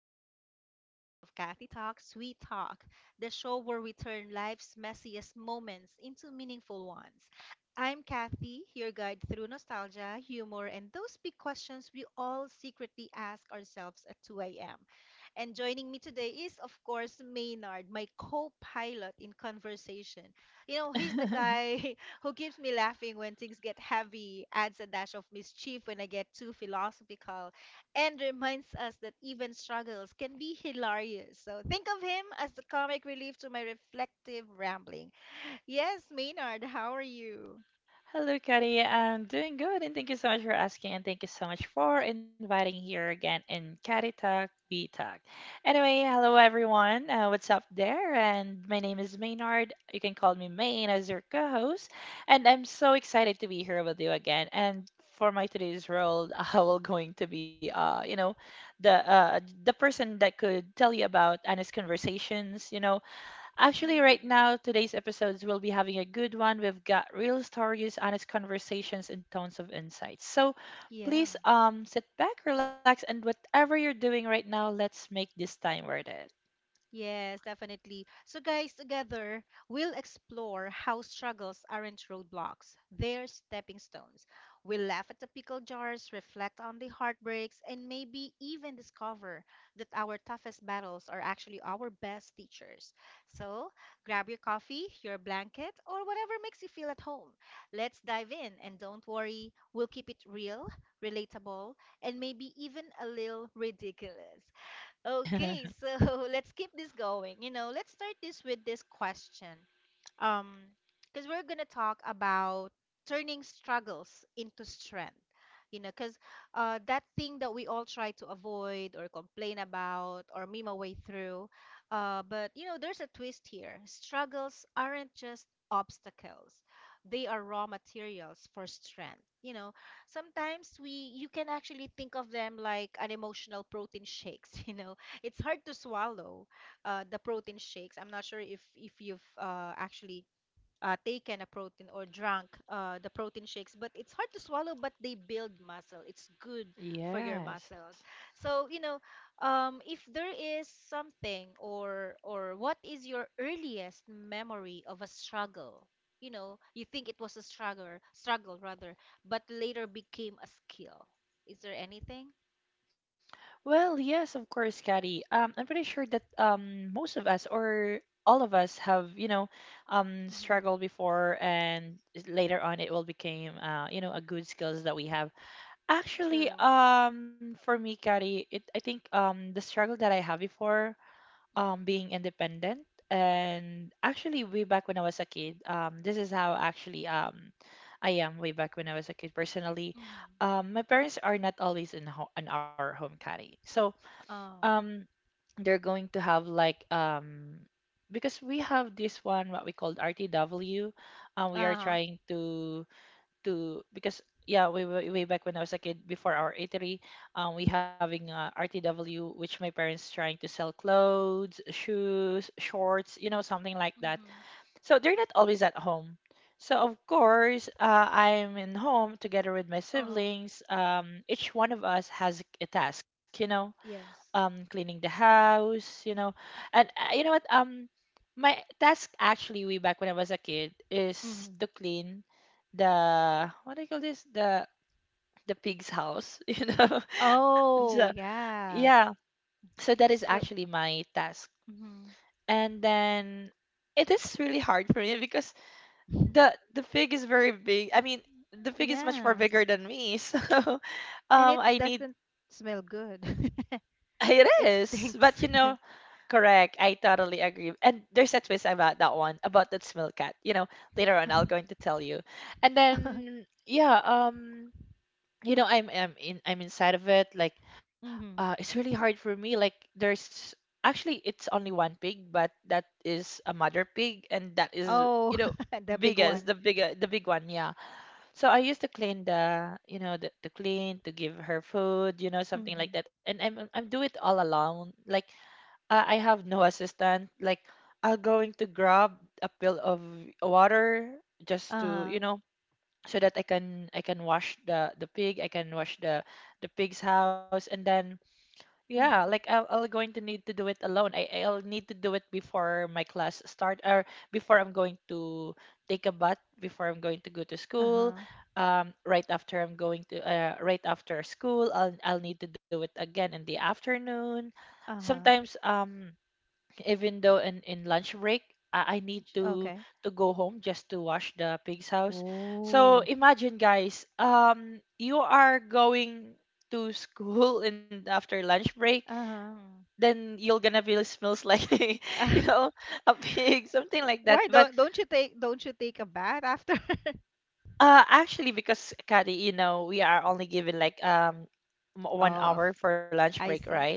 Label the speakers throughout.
Speaker 1: another episode of Kathy Talks Sweet Talk, the show where we turn life's messiest moments into meaningful ones. I'm Kathy, your guide through nostalgia, humor, and those big questions we all secretly ask ourselves at 2 a.m. And joining me today is, of course, Maynard, my co pilot in conversation. You know, he's the guy who keeps me laughing when things get heavy, adds a dash of mischief when I get too philosophical, and reminds us that even struggles can be hilarious. So think of him as the comic relief to my reflective rambling. Yes, Maynard, how are you?
Speaker 2: Hello, Kati. I'm doing good, and thank you so much for asking, and thank you so much for inviting here again in Kati Talk We Talk. Anyway, hello everyone. What's up there? And my name is Maynard. You can call me Main as your co-host, and I'm so excited to be here with you again. And for my today's role, I will going to be, the uh, the person that could tell you about honest conversations. Actually, right
Speaker 1: Mhm.
Speaker 2: now, today's episodes will be having a good one. We've got real stories, honest conversations, and tons of insights. So
Speaker 1: Yeah.
Speaker 2: please sit back, relax, and whatever you're doing right now, let's make this time worth it.
Speaker 1: Yes, definitely. So, guys, together we'll explore how struggles aren't roadblocks, they're stepping stones. We'll laugh at the pickle jars, reflect on the heartbreaks, and maybe even discover that our toughest battles are actually our best teachers. So, grab your coffee, your blanket, or whatever makes you feel at home. Let's dive in, and don't worry, we'll keep it real, relatable, and maybe even a little ridiculous. Okay, so let's keep this going. You know, let's start this with this question. Um, because we're gonna talk about turning struggles into strength. You know, because that thing that we all try to avoid or complain about or meme away through, but you know, there's a twist here. Struggles aren't just obstacles; they are raw materials for strength. You know, sometimes we you can actually think of them like an emotional protein shakes. You know, it's hard to swallow the protein shakes. I'm not sure if you've actually taken a protein or drank the protein shakes, but it's hard to swallow. But they build muscle. It's good for your muscles.
Speaker 2: Yes.
Speaker 1: So you know, if there is something or what is your earliest memory of a struggle? You know, you think it was a struggle, struggle rather, but later became a skill. Is there anything?
Speaker 2: Well, yes, of course, Kati. I'm pretty sure that most of us or all of us have, you know,
Speaker 1: Mm-hmm.
Speaker 2: struggled before, and later on it will become, you know, a good skills that we have. Actually,
Speaker 1: True.
Speaker 2: for me, Kari, it I think the struggle that I had before
Speaker 1: Mm-hmm.
Speaker 2: being independent, and actually way back when I was a kid, this is how actually I am way back when I was a kid personally.
Speaker 1: Mm-hmm.
Speaker 2: My parents are not always in ho in our home, Kari. So
Speaker 1: Uh,
Speaker 2: um, they're going to have like because we have this one what we called RTW, we are
Speaker 1: uh-huh.
Speaker 2: trying to because yeah way back when I was a kid before our eatery, um, we having rtw which my parents trying to sell clothes, shoes, shorts, you know, something like that.
Speaker 1: Mm-hmm.
Speaker 2: So they're not always at home, so of course, I'm in home together with my
Speaker 1: Uh-huh.
Speaker 2: siblings. Um, each one of us has a task, you know,
Speaker 1: Yes.
Speaker 2: um, cleaning the house, you know. And you know what, um, my task actually way back when I was a kid is
Speaker 1: Mm-hmm.
Speaker 2: to clean the what do you call this? The pig's house, you know. So
Speaker 1: Oh, yeah.
Speaker 2: yeah. So that is
Speaker 1: So,
Speaker 2: actually my task.
Speaker 1: Mm-hmm.
Speaker 2: And then it is really hard for me because the pig is very big. I mean, the pig is much more
Speaker 1: yeah.
Speaker 2: bigger than me. So
Speaker 1: And it
Speaker 2: I need
Speaker 1: doesn't smell good.
Speaker 2: it
Speaker 1: It
Speaker 2: is. But you
Speaker 1: stinks.
Speaker 2: know, correct. I totally agree. And there's a twist about that one, about that smell, Cat. You know, later on I'll going to tell you. And then yeah, you know, I'm inside of it. Like,
Speaker 1: Mm-hmm.
Speaker 2: it's really hard for me. Like, there's actually it's only one pig, but that is a mother pig, and that is you
Speaker 1: Oh,
Speaker 2: know
Speaker 1: the big
Speaker 2: biggest
Speaker 1: one.
Speaker 2: the bigger the big one. Yeah. So I used to clean the you know the to clean to give her food, you know, something like
Speaker 1: Mm-hmm.
Speaker 2: that. And I'm do it all alone. Like I have no assistant. Like I'll going to grab a pill of water just to, you
Speaker 1: Uh-huh.
Speaker 2: know, so that I can wash the pig, I can wash the pig's house, and then yeah,
Speaker 1: Mm-hmm.
Speaker 2: like I'll going to need to do it alone. I'll need to do it before my class start or before I'm going to take a bath, before I'm going to go to school.
Speaker 1: Uh-huh.
Speaker 2: Right after school, I'll need to do it again in the afternoon.
Speaker 1: Uh-huh.
Speaker 2: Sometimes even though in lunch break I need
Speaker 1: J-
Speaker 2: to
Speaker 1: Okay.
Speaker 2: go home just to wash the pig's house. So
Speaker 1: Oh.
Speaker 2: imagine, guys, you are going to school and after lunch break,
Speaker 1: Uh-huh.
Speaker 2: then you're gonna be smells like you
Speaker 1: Uh,
Speaker 2: know a pig, something like that.
Speaker 1: why
Speaker 2: But
Speaker 1: don't don't you take don't you take a bath after?
Speaker 2: actually because, Kari, you know, we are only given like m- one
Speaker 1: Oh, of-
Speaker 2: hour for lunch break,
Speaker 1: I
Speaker 2: right?
Speaker 1: see.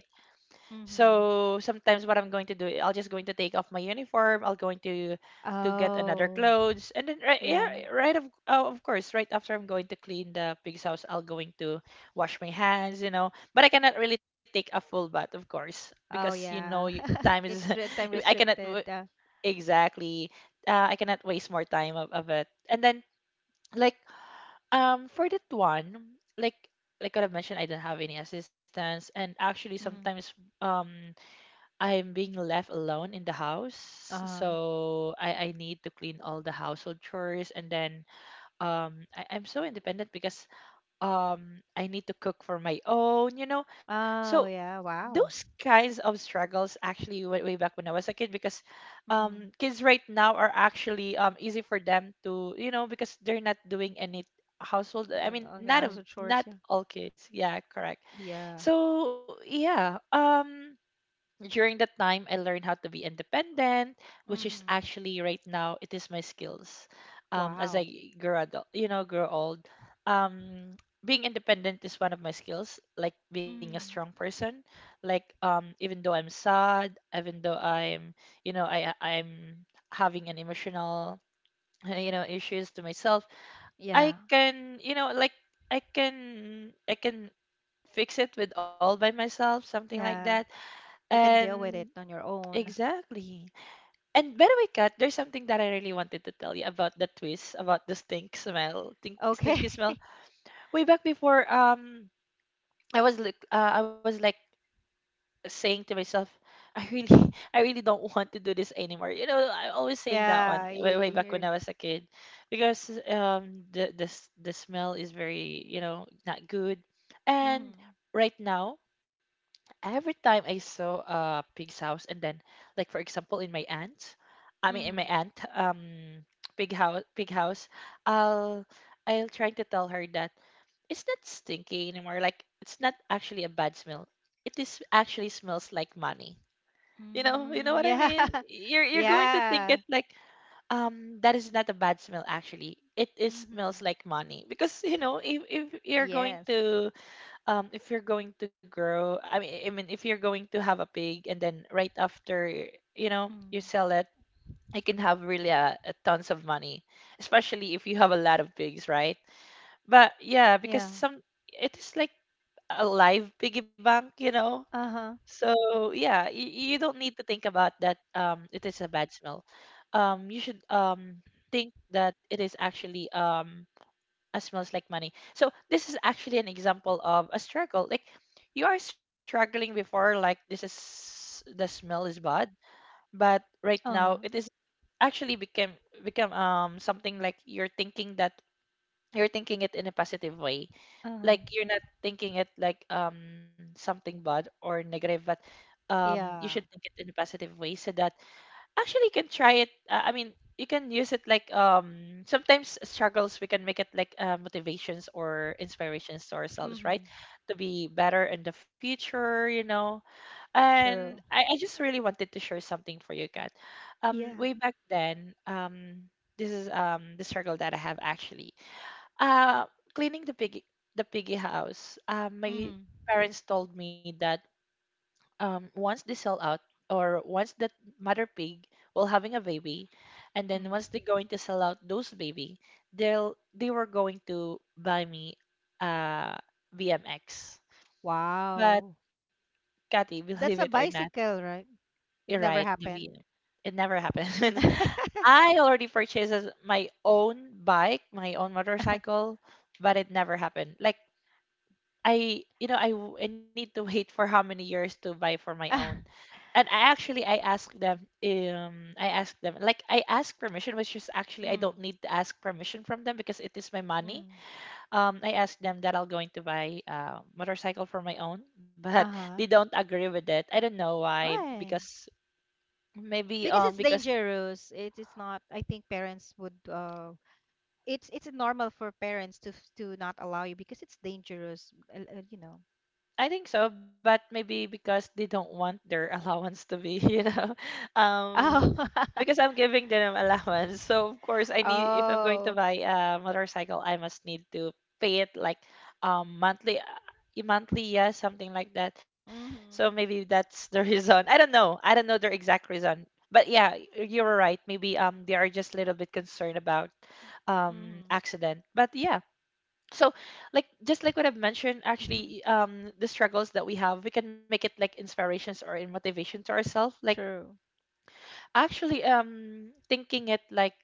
Speaker 1: Mhm.
Speaker 2: So sometimes what I'm going to do, I'll just going to take off my uniform. I'll going to get another
Speaker 1: Oh,
Speaker 2: clothes, and then
Speaker 1: yeah.
Speaker 2: of course, right after I'm going to clean the pig's house, I'll going to wash my hands, you know. But I cannot really take a full bath, of course, because
Speaker 1: Oh,
Speaker 2: you know you-
Speaker 1: yeah.
Speaker 2: time is.
Speaker 1: It's time
Speaker 2: I cannot w-
Speaker 1: restricted.
Speaker 2: exactly. I cannot waste more time of it. And then like for that one, like what I've mentioned, I don't have any assistance, and actually
Speaker 1: Mhm.
Speaker 2: sometimes um I'm being left alone in the house,
Speaker 1: uh-huh.
Speaker 2: so I need to clean all the household chores, and then I'm so independent because I need to cook for my own, you know.
Speaker 1: Oh,
Speaker 2: So
Speaker 1: yeah. Wow.
Speaker 2: those kinds of struggles actually went way back when I was a kid because
Speaker 1: Mhm.
Speaker 2: kids right now are actually easy for them to you know because they're not doing any household. I mean
Speaker 1: Okay,
Speaker 2: not of
Speaker 1: household chores.
Speaker 2: not
Speaker 1: Yeah.
Speaker 2: all kids, yeah, correct.
Speaker 1: Yeah.
Speaker 2: So yeah, um, during that time, I learned how to be independent, which is
Speaker 1: Mhm.
Speaker 2: actually right now it is my skills. As
Speaker 1: Wow.
Speaker 2: I grow adult, you know, grow old, um, being independent is one of my skills. Like being a strong
Speaker 1: Mhm.
Speaker 2: person. Like even though I'm sad, even though I'm, you know, I'm having an emotional, you know, issues to myself. I
Speaker 1: Yeah.
Speaker 2: can, you know, like I can fix it with all by myself, something like that.
Speaker 1: Yeah. You can deal with
Speaker 2: And
Speaker 1: it on your own.
Speaker 2: exactly. And by the way, Kat, there's something that I really wanted to tell you about the twist, about the
Speaker 1: Okay.
Speaker 2: stinky smell. Way back before, I was like saying to myself, I really, I really don't want to do this anymore. You know, I'm always saying that
Speaker 1: Yeah.
Speaker 2: one way, back
Speaker 1: You're
Speaker 2: when I was a kid, because the smell is very, you know, not good. And
Speaker 1: Mhm.
Speaker 2: right now, every time I saw a pig's house, and then, like for example, in my aunt, I mean in my
Speaker 1: Mhm.
Speaker 2: aunt pig house, I'll I'll try to tell her that it's not stinky anymore. Like it's not actually a bad smell. It is actually smells like money. You know
Speaker 1: Mm,
Speaker 2: what I
Speaker 1: yeah.
Speaker 2: mean. You're going to think
Speaker 1: Yeah.
Speaker 2: it like that is not a bad smell actually. It is smells
Speaker 1: Mhm.
Speaker 2: like money because you know if you're going
Speaker 1: Yes.
Speaker 2: to if you're going to grow if you're going to have a pig and then right after you know you
Speaker 1: Mm.
Speaker 2: sell it, you can have really a tons of money, especially if you have a lot of pigs, right? But yeah, because
Speaker 1: Yeah.
Speaker 2: some it is like a live piggy bank, you know.
Speaker 1: Uh-huh.
Speaker 2: So yeah, you don't need to think about that it is a bad smell. Um, you should think that it is actually smells like money. So this is actually an example of a struggle. Like you are struggling before, like this is the smell is bad, but right now it
Speaker 1: Uh-huh.
Speaker 2: is actually became become something like you're thinking that you're thinking it in a positive way.
Speaker 1: Uh-huh.
Speaker 2: Like you're not thinking it like something bad or negative, but you should
Speaker 1: Yeah.
Speaker 2: think it in a positive way so that actually, you can try it. I mean, you can use it like sometimes struggles we can make it like motivations or inspirations to ourselves, right?
Speaker 1: Mm-hmm.
Speaker 2: To be better in the future, you know. And
Speaker 1: True.
Speaker 2: I just really wanted to share something for you, Kat.
Speaker 1: Yeah.
Speaker 2: Way back then, this is the struggle that I have actually. Uh, cleaning the piggy house. My
Speaker 1: Mm-hmm.
Speaker 2: parents told me that once they sell out or once that mother pig will having a baby and then
Speaker 1: Mm.
Speaker 2: once they're going to sell out those baby, they were going to buy me uh vmx. But
Speaker 1: Wow.
Speaker 2: Kathy, believe it
Speaker 1: That's a
Speaker 2: or not,
Speaker 1: bicycle, right? It
Speaker 2: you're
Speaker 1: never
Speaker 2: right, the
Speaker 1: happened.
Speaker 2: vm it never happens. I already purchased as my own bike, my own motorcycle, but it never happened. Like I, you know, I need to wait for how many years to buy for my own.
Speaker 1: Ah.
Speaker 2: And I actually I asked them like I asked permission, which is actually I don't
Speaker 1: Mm.
Speaker 2: need to ask permission from them because it is my money.
Speaker 1: Mm.
Speaker 2: I asked them that I'm going to buy a motorcycle for my own, but
Speaker 1: Uh-huh.
Speaker 2: they don't agree with it. I don't know why
Speaker 1: Why?
Speaker 2: because maybe
Speaker 1: Because it's
Speaker 2: because
Speaker 1: dangerous. It, it's not. I think parents would. It's normal for parents to to not allow you because it's dangerous. Uh, you know.
Speaker 2: I think so, but maybe because they don't want their allowance to be you know um
Speaker 1: Oh.
Speaker 2: because I'm giving them allowance. So of course I need if I'm going to
Speaker 1: oh.
Speaker 2: buy a motorcycle, I must need to pay it like um monthly uh, monthly, yeah, something like that. So
Speaker 1: Mm-hmm.
Speaker 2: maybe that's the reason. I don't know. I don't know their exact reason. But yeah, you were right. Maybe they are just a little bit concerned about
Speaker 1: Mm-hmm.
Speaker 2: accident. But yeah. So like just like what I've mentioned, actually the struggles that we have, we can make it like inspirations or in motivation to ourselves. Like
Speaker 1: True.
Speaker 2: actually, thinking it like,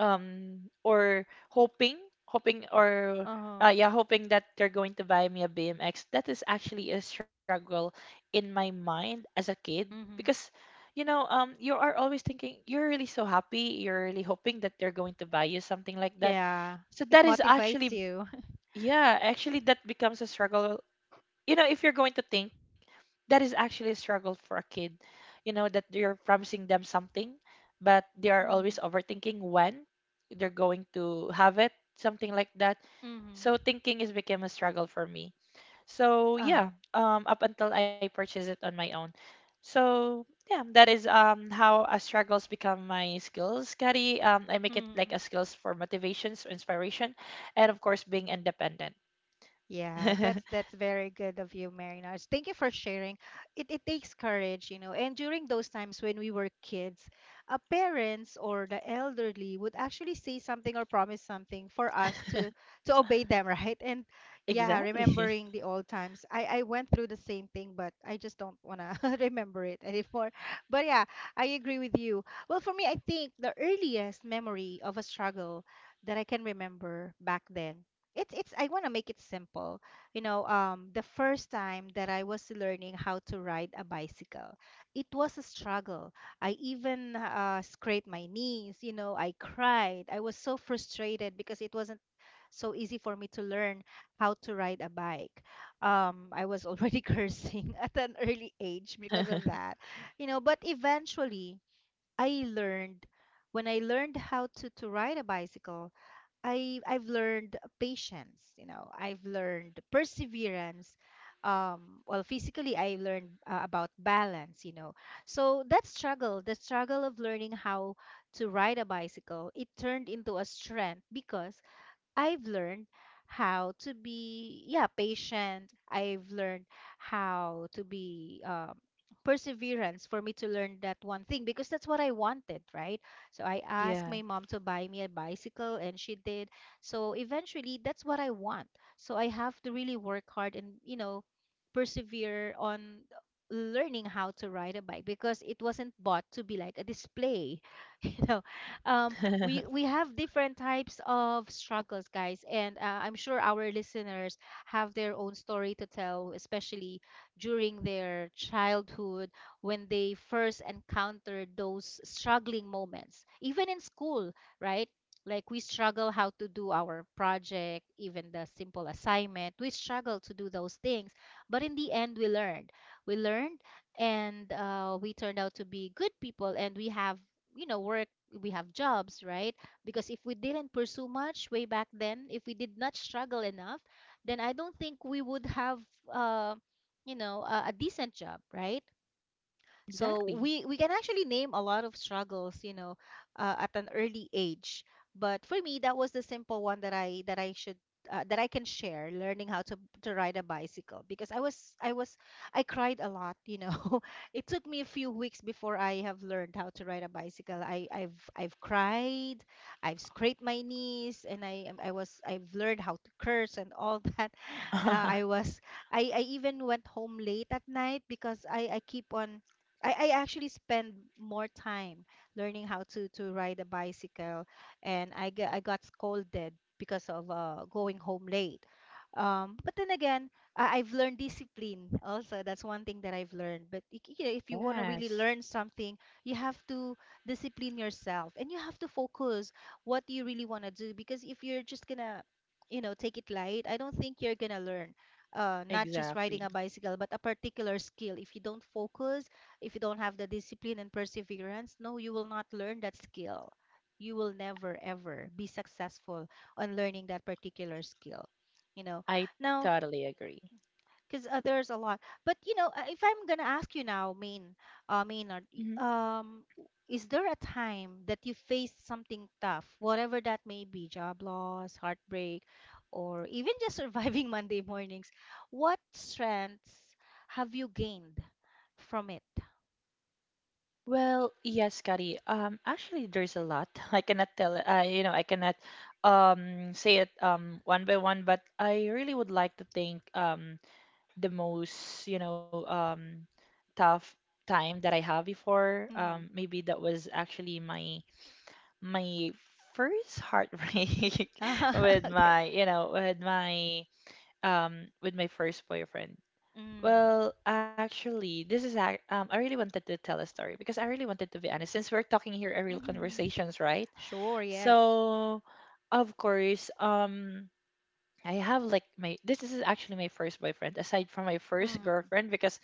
Speaker 2: or hoping, or
Speaker 1: Uh-huh.
Speaker 2: yeah, hoping that they're going to buy me a BMX. That is actually a struggle in my mind as a kid because,
Speaker 1: Mm-hmm.
Speaker 2: you know, you are always thinking you're really so happy, you're really hoping that they're going to buy you something like that.
Speaker 1: Yeah,
Speaker 2: So
Speaker 1: it
Speaker 2: that is
Speaker 1: motivates
Speaker 2: actually,
Speaker 1: you.
Speaker 2: yeah, actually that becomes a struggle, you know, if you're going to think that is actually a struggle for a kid, you know, that you're promising them something, but they are
Speaker 1: Mm-hmm.
Speaker 2: always overthinking when they're going to have it, something like that.
Speaker 1: Mm-hmm.
Speaker 2: So thinking is became a struggle for me. So
Speaker 1: Uh-huh.
Speaker 2: yeah, up until I purchased it on my own. So yeah, that is how a struggles become my skills, Kari. I make it like
Speaker 1: Mm-hmm.
Speaker 2: a skills for motivations, inspiration, and of course being independent.
Speaker 1: Yeah, that's very good of you, Marinars. Thank you for sharing. It takes courage, you know. And during those times when we were kids, parents or the elderly would actually say something or promise something for us to obey them, right? And yeah,
Speaker 2: Exactly.
Speaker 1: remembering the old times, I went through the same thing, but I just don't wanna remember it anymore. But yeah, I agree with you. Well, for me, I think the earliest memory of a struggle that I can remember back then, it's I want to make it simple. You know, the first time that I was learning how to ride a bicycle, it was a struggle. I even scraped my knees, you know, I cried. I was so frustrated because it wasn't so easy for me to learn how to ride a bike. I was already cursing at an early age because of that, you know. But eventually, I learned when I learned how to ride a bicycle, I've learned patience, you know. I've learned perseverance. Well, physically, I learned about balance, you know. So that struggle, the struggle of learning how to ride a bicycle, it turned into a strength because I've learned how to be yeah patient. I've learned how to be perseverance for me to learn that one thing because that's what I wanted, right? So I asked
Speaker 2: Yeah.
Speaker 1: my mom to buy me a bicycle and she did. So eventually that's what I want. So I have to really work hard and you know persevere on learning how to ride a bike because it wasn't bought to be like a display. You know, um we have different types of struggles, guys, and I'm sure our listeners have their own story to tell, especially during their childhood when they first encountered those struggling moments, even in school, right? Like we struggle how to do our project, even the simple assignment. We struggle to do those things, but in the end, we learned. We learned, and we turned out to be good people, and we have, you know, work we have jobs, right? Because if we didn't pursue much way back then, if we did not struggle enough, then I don't think we would have, uh, you know, a decent job, right?
Speaker 2: Exactly.
Speaker 1: So we can actually name a lot of struggles, you know, at an early age. But for me, that was the simple one that I should that I can share, learning how to ride a bicycle because I was I cried a lot, you know. It took me a few weeks before I have learned how to ride a bicycle. I've cried, I've scraped my knees, and I've learned how to curse and all that. I was I even went home late at night because I keep on I actually spend more time learning how to ride a bicycle and I got scolded because of going home late. But then again, I've learned discipline also. That's one thing that I've learned. But you know, if you want to
Speaker 2: Yes.
Speaker 1: really learn something, you have to discipline yourself and you have to focus what you really want to do because if you're just gonna, you know, take it light, I don't think you're gonna learn not just riding
Speaker 2: Exactly.
Speaker 1: a bicycle, but a particular skill. If you don't focus, if you don't have the discipline and perseverance, no, you will not learn that skill. You will never, ever be successful on learning that particular skill. You know,
Speaker 2: I
Speaker 1: now,
Speaker 2: totally agree.
Speaker 1: because there's a lot. But, you know, if I'm going to ask you now, Maynard,
Speaker 2: hmm
Speaker 1: is there a time that you faced something tough, whatever that may be, job loss, heartbreak, or even just surviving Monday mornings? What strengths have you gained from it?
Speaker 2: Well, yes, Kari. Actually, there's a lot. I cannot tell. I, you know, I cannot say it one by one. But I really would like to think the most, you know, tough time that I have before.
Speaker 1: Hmm.
Speaker 2: Maybe that was actually my first heartbreak with
Speaker 1: Okay.
Speaker 2: my, you know, with my first boyfriend.
Speaker 1: Mm.
Speaker 2: Well, actually, this is I really wanted to tell a story because I really wanted to be honest since we're talking here a real
Speaker 1: Mm-hmm.
Speaker 2: conversations, right?
Speaker 1: Sure, yes.
Speaker 2: So, of course, I have like my, this is actually my first boyfriend aside from my first
Speaker 1: Mm.
Speaker 2: girlfriend because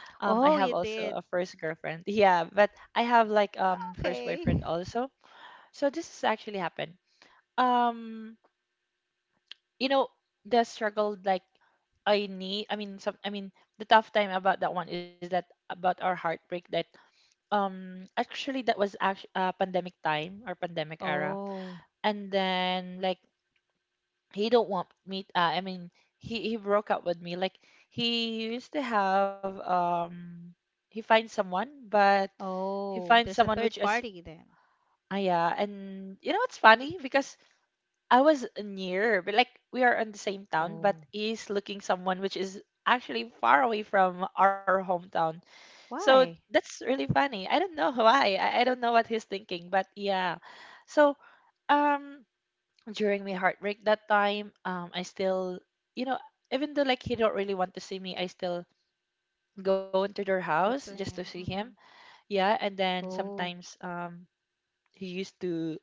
Speaker 2: I have
Speaker 1: Oh, you
Speaker 2: also a
Speaker 1: did.
Speaker 2: first girlfriend. Yeah, but I have like first
Speaker 1: Okay.
Speaker 2: boyfriend also. So this has actually happened. Um, you know, the struggle like I need, I mean, some, I mean the tough time about that one is that about our heartbreak that actually that was actually pandemic time or pandemic era,
Speaker 1: Oh.
Speaker 2: and then like he don't want me, I mean he broke up with me like he used to have he finds someone but he
Speaker 1: Oh,
Speaker 2: finds
Speaker 1: there's a
Speaker 2: someone
Speaker 1: third
Speaker 2: which is
Speaker 1: party then.
Speaker 2: ah yeah, and you know what's funny because I was near, but like we are in the same town, but
Speaker 1: Oh.
Speaker 2: he's looking someone which is actually far away from our hometown. So
Speaker 1: Why?
Speaker 2: that's really funny. I don't know why. I don't know what he's thinking, but yeah. So um during my heartbreak that time, I still, you know, even though like he don't really want to see me, I still go into their house
Speaker 1: Good
Speaker 2: just
Speaker 1: to
Speaker 2: to see
Speaker 1: him.
Speaker 2: him.
Speaker 1: Mm-hmm.
Speaker 2: Yeah, and then
Speaker 1: Oh,
Speaker 2: sometimes he used to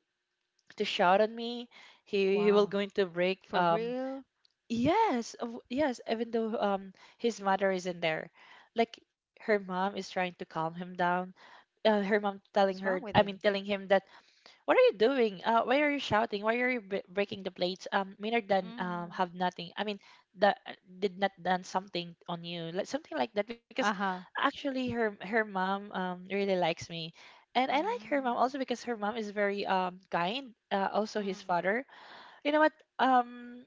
Speaker 2: shout on me. He will
Speaker 1: wow.
Speaker 2: going to break
Speaker 1: For real?
Speaker 2: yes, yes, even though his mother isn't there. Like her mom is trying to calm him down. Her mom telling
Speaker 1: What's
Speaker 2: her,
Speaker 1: wrong with
Speaker 2: I mean
Speaker 1: him?
Speaker 2: telling him that what are you doing? Why are you shouting? Why are you b breaking the plates? Maynard done
Speaker 1: Mm.
Speaker 2: have nothing. I mean that did not done something on you, like something like that. Because
Speaker 1: Uh-huh.
Speaker 2: actually her mom really likes me, and I like her mom
Speaker 1: Mm.
Speaker 2: also because her mom is very kind. Also his
Speaker 1: Mm.
Speaker 2: father, you know what, um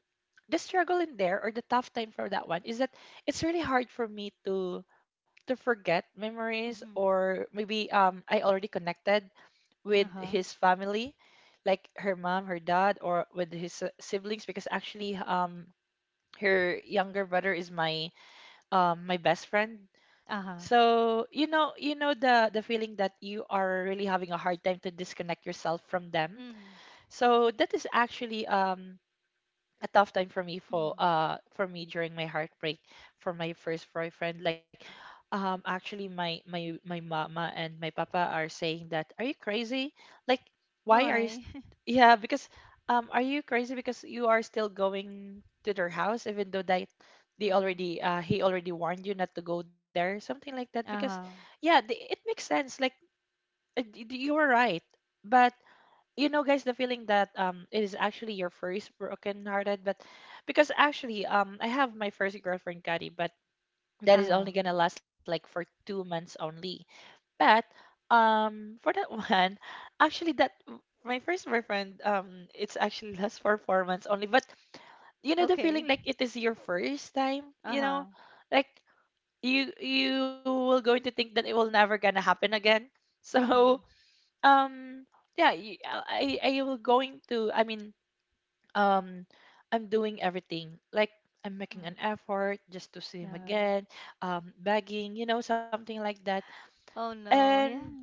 Speaker 2: the struggle in there or the tough time for that one is that it's really hard for me to forget memories
Speaker 1: Mm-hmm.
Speaker 2: or maybe I already connected with
Speaker 1: Uh-huh.
Speaker 2: his family like her mom, her dad, or with his siblings because actually her younger brother is my my best friend,
Speaker 1: Uh-huh.
Speaker 2: so you know, you know the feeling that you are really having a hard time to disconnect yourself from them.
Speaker 1: Mm.
Speaker 2: So that is actually a tough time for me for
Speaker 1: Mm.
Speaker 2: uh for me during my heartbreak for my first boyfriend like actually my mama and my papa are saying that, are you crazy, like why are you
Speaker 1: Oi.
Speaker 2: yeah because are you crazy because you are still going to their house even though that they
Speaker 1: Mm.
Speaker 2: already he already warned you not to go there, something like that. Because
Speaker 1: Uh-huh.
Speaker 2: yeah, the, it makes sense like you are right, but you know guys, the feeling that it is actually your first broken hearted, but because actually I have my first girlfriend, Kati, but that is only
Speaker 1: Uh-huh.
Speaker 2: gonna last like for 2 months only. But for that one, actually, that my first boyfriend it's actually lasts for 4 months only. But you know the
Speaker 1: Okay.
Speaker 2: feeling like it is your first time, you know,
Speaker 1: Uh-huh.
Speaker 2: like you will going to think that it will never gonna happen again.
Speaker 1: Mm.
Speaker 2: so um, yeah, I will going to, I mean, um, I'm doing everything. Like I'm making
Speaker 1: Mm.
Speaker 2: an effort just to see him
Speaker 1: Yeah.
Speaker 2: again. Begging, you know, something like that.
Speaker 1: Oh no, yeah.
Speaker 2: And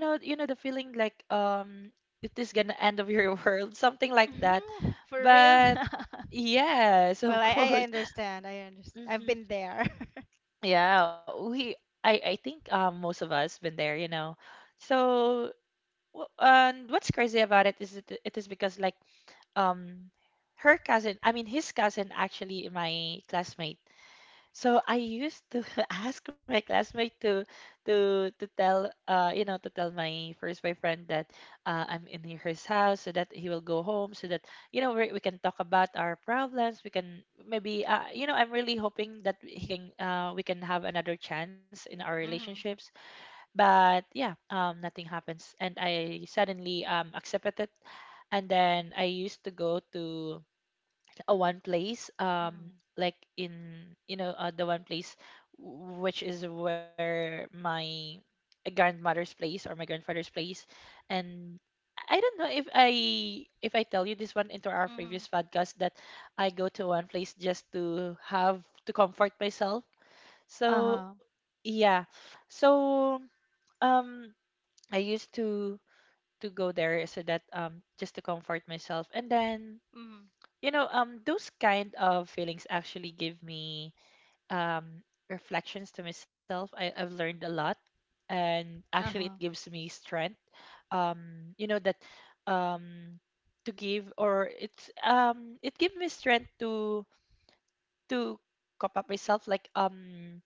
Speaker 2: you know the feeling like it is gonna end of your world, something like that.
Speaker 1: Mhm, for real.
Speaker 2: But yes,
Speaker 1: Well,
Speaker 2: of
Speaker 1: I
Speaker 2: course.
Speaker 1: understand. I understand. I've
Speaker 2: hmm
Speaker 1: been there.
Speaker 2: Yeah, we. I think most of us been there, you know. So. And what's crazy about it is it, it is because like um her cousin, I mean his cousin, actually my classmate, so I used to ask my classmate to tell, you know, to tell my first boyfriend that I'm in his house so that he will go home so that, you know, we can talk about our problems, we can maybe, you know, I'm really hoping that we can, we can have another chance in our
Speaker 1: Mhm.
Speaker 2: relationships. But yeah, nothing happens and I suddenly accepted it, and then I used to go to a one place
Speaker 1: Mhm.
Speaker 2: like in, you know, the one place which is where my grandmother's place or my grandfather's place. And I don't know if I tell you this one into our
Speaker 1: Mhm.
Speaker 2: previous podcast, that I go to one place just to have to comfort myself. So
Speaker 1: Uh-huh.
Speaker 2: yeah. So um I used to go there so that just to comfort myself, and then,
Speaker 1: Mhm.
Speaker 2: you know, those kind of feelings actually give me um reflections to myself. I've learned a lot, and actually it
Speaker 1: Uh-huh.
Speaker 2: gives me strength, you know, that um to give, or it's, it gives me strength to to cop up myself like,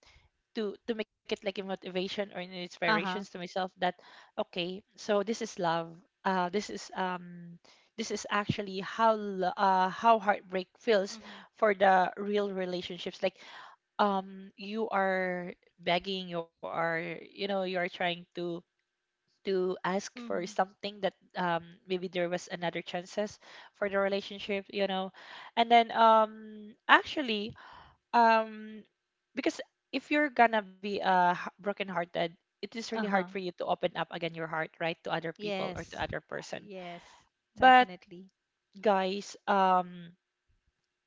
Speaker 2: to make it like a motivation or an inspirations to
Speaker 1: Uh-huh.
Speaker 2: myself that okay, so this is love, this is, this is actually how how heartbreak feels
Speaker 1: Mhm.
Speaker 2: for the real relationships like, you are begging, you are, you know, you are trying to ask for
Speaker 1: Mhm.
Speaker 2: something that, maybe there was another chances for the relationship, you know. And then actually um because if you're gonna be brokenhearted, it is really hard
Speaker 1: Uh-huh.
Speaker 2: for you to open up again your heart, right, to other people or to
Speaker 1: Yes.
Speaker 2: other person.
Speaker 1: Yes.
Speaker 2: But
Speaker 1: Definitely.
Speaker 2: guys,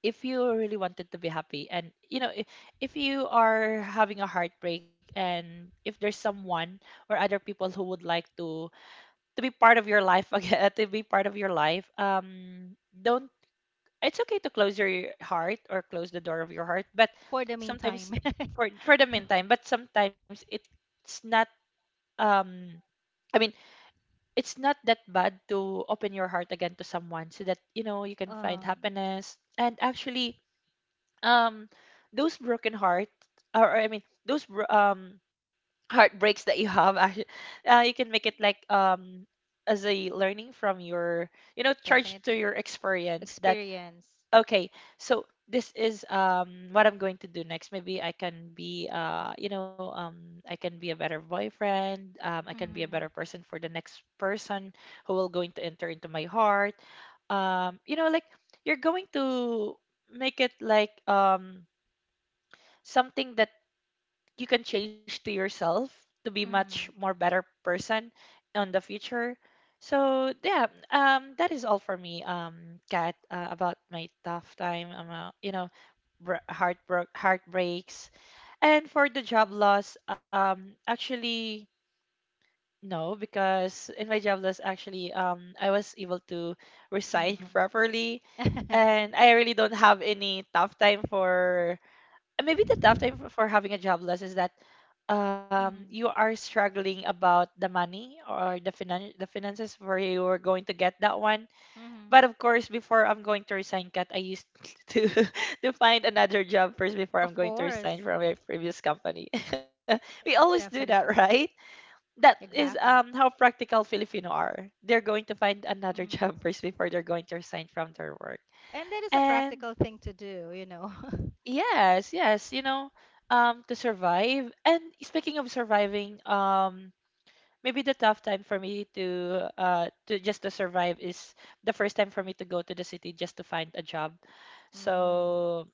Speaker 2: if you really wanted to be happy and you know, if you are having a heartbreak and if there's someone or other people who would like to be part of your life again, to be part of your life, don't. It's okay to close your heart or close the door of your heart, but
Speaker 1: For the meantime.
Speaker 2: sometimes, for the meantime, but sometimes it's not, um I mean, it's not that bad to open your heart again to someone so that, you know, you can find
Speaker 1: Um,
Speaker 2: happiness. And actually, um those broken heart, or I mean, those heartbreaks that you have, actually, you can make it like as a learning from your, you know, charge to
Speaker 1: definitely.
Speaker 2: your experience that
Speaker 1: Experience.
Speaker 2: okay, so this is what I'm going to do next. Maybe I can be, you know, I can be a better boyfriend. I can be a better
Speaker 1: Mhm.
Speaker 2: person for the next person who will going to enter into my heart. You know, like you're going to make it like, something that you can change to yourself to be much
Speaker 1: Mhm.
Speaker 2: more better person in the future. So yeah, that is all for me, Kat, about my tough time, heartbreaks. And for the job loss, actually no, because in my job loss, actually, I was able to resign
Speaker 1: Um,
Speaker 2: properly,
Speaker 1: Mhm.
Speaker 2: and I really don't have any tough time for and maybe the tough time for having a job loss is that you are struggling about the money or the the finances where you are going to get that one.
Speaker 1: Mhm.
Speaker 2: But of course before I'm going to resign, Kat, I used to to find another job first before I'm
Speaker 1: of
Speaker 2: going to
Speaker 1: course.
Speaker 2: resign from my previous company. We always do that,
Speaker 1: Definitely.
Speaker 2: right? That is
Speaker 1: Exactly.
Speaker 2: how practical Filipino are. They're going to find another
Speaker 1: Mm.
Speaker 2: job first before they're going to resign from their work.
Speaker 1: And that is a
Speaker 2: And
Speaker 1: practical thing to do, you know.
Speaker 2: yes, yes, you know, to survive. And speaking of surviving, maybe the tough time for me to just to survive is the first time for me to go to the city just to find a job.
Speaker 1: Mm.
Speaker 2: So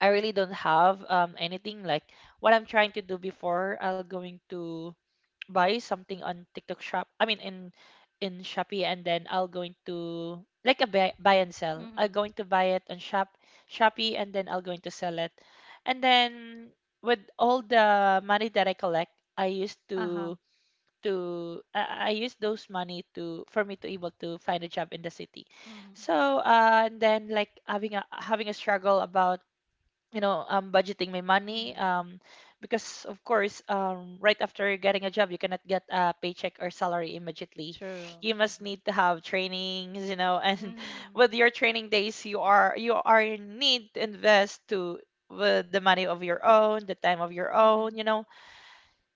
Speaker 2: I really don't have anything like what I'm trying to do. Before I'll going to buy something on TikTok shop, I mean in Shopee, and then I'll going to like a buy, buy and sell. I'll
Speaker 1: Mm-hmm.
Speaker 2: going to buy it on Shopee and then I'll going to sell it. And then with all the money that I collect, I used
Speaker 1: Uh-huh.
Speaker 2: to I use those money to for me to able to find a job in the city.
Speaker 1: Mm-hmm.
Speaker 2: So and then like having a struggle about budgeting my money
Speaker 1: Mm.
Speaker 2: um because of course right after getting a job you cannot get a paycheck or salary immediately.
Speaker 1: True.
Speaker 2: You must
Speaker 1: Mm-hmm.
Speaker 2: need to have trainings, you know, and
Speaker 1: Mm-hmm.
Speaker 2: with your training days you are in need to invest to with the money of your own, the time of your
Speaker 1: Mm-hmm.
Speaker 2: own, you know.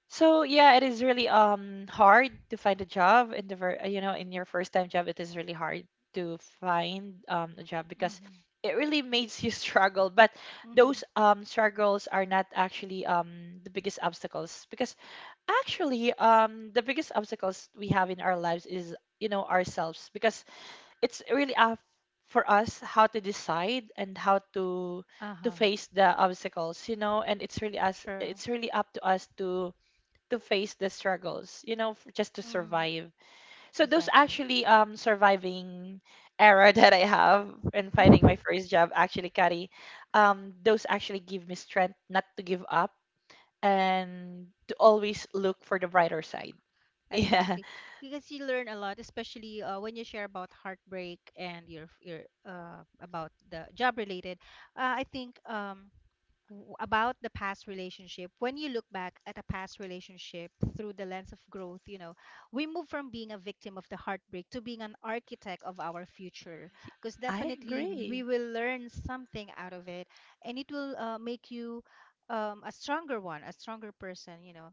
Speaker 2: So yeah, it is really hard to find a job in the you know, in your first time job. It is really hard to find a job because
Speaker 1: Mm-hmm.
Speaker 2: it really makes you struggle. But
Speaker 1: Mm-hmm.
Speaker 2: those struggles are not actually the biggest obstacles, because actually the biggest obstacles we have in our lives is, you know, ourselves. Because it's really up for us how to decide and how to
Speaker 1: Uh-huh.
Speaker 2: face the obstacles, you know, and it's really us,
Speaker 1: True.
Speaker 2: it's really up to us to face the struggles, you know, just to
Speaker 1: Mm-hmm.
Speaker 2: survive. So those
Speaker 1: Exactly.
Speaker 2: actually, surviving era, that I have in finding my first job actually, Kari, those actually give me strength not to give up and to always look for the brighter side. Yeah,
Speaker 1: Exactly. Because you learn a lot, especially when you share about heartbreak and your about the job related. I think about the past relationship, when you look back at a past relationship through the lens of growth, you know, we move from being a victim of the heartbreak to being an architect of our future, because
Speaker 2: I
Speaker 1: definitely we
Speaker 2: agree.
Speaker 1: will learn something out of it and it will make you a stronger one, a stronger person, you know.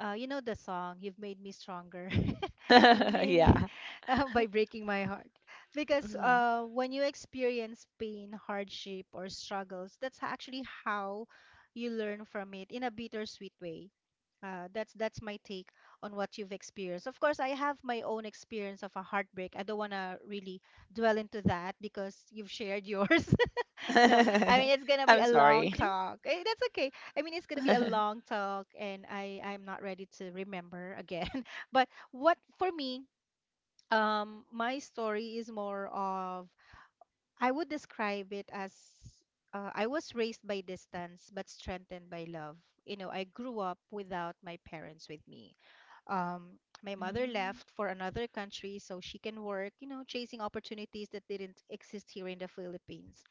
Speaker 1: You know the song, "You've Made Me Stronger"? You mean
Speaker 2: Yeah.
Speaker 1: by breaking my heart? Because
Speaker 2: Mhm.
Speaker 1: when you experience pain, hardship, or struggles, that's actually how you learn from it in a bittersweet way. That's my take on what you've experienced. Of course, I have my own experience of a heartbreak. I don't want to really dwell into that because you've shared yours. No, I mean it's gonna be
Speaker 2: I'm
Speaker 1: a long
Speaker 2: sorry.
Speaker 1: talk. Eh, that's okay. I mean it's gonna be a long talk, and I'm not ready to remember again. But what for me my story is more of I would describe it as I was raised by distance but strengthened by love. You know, I grew up without my parents with me. Um, my mother
Speaker 2: Mm.
Speaker 1: left for another country so she can work, you know, chasing opportunities that didn't exist here in the Philippines,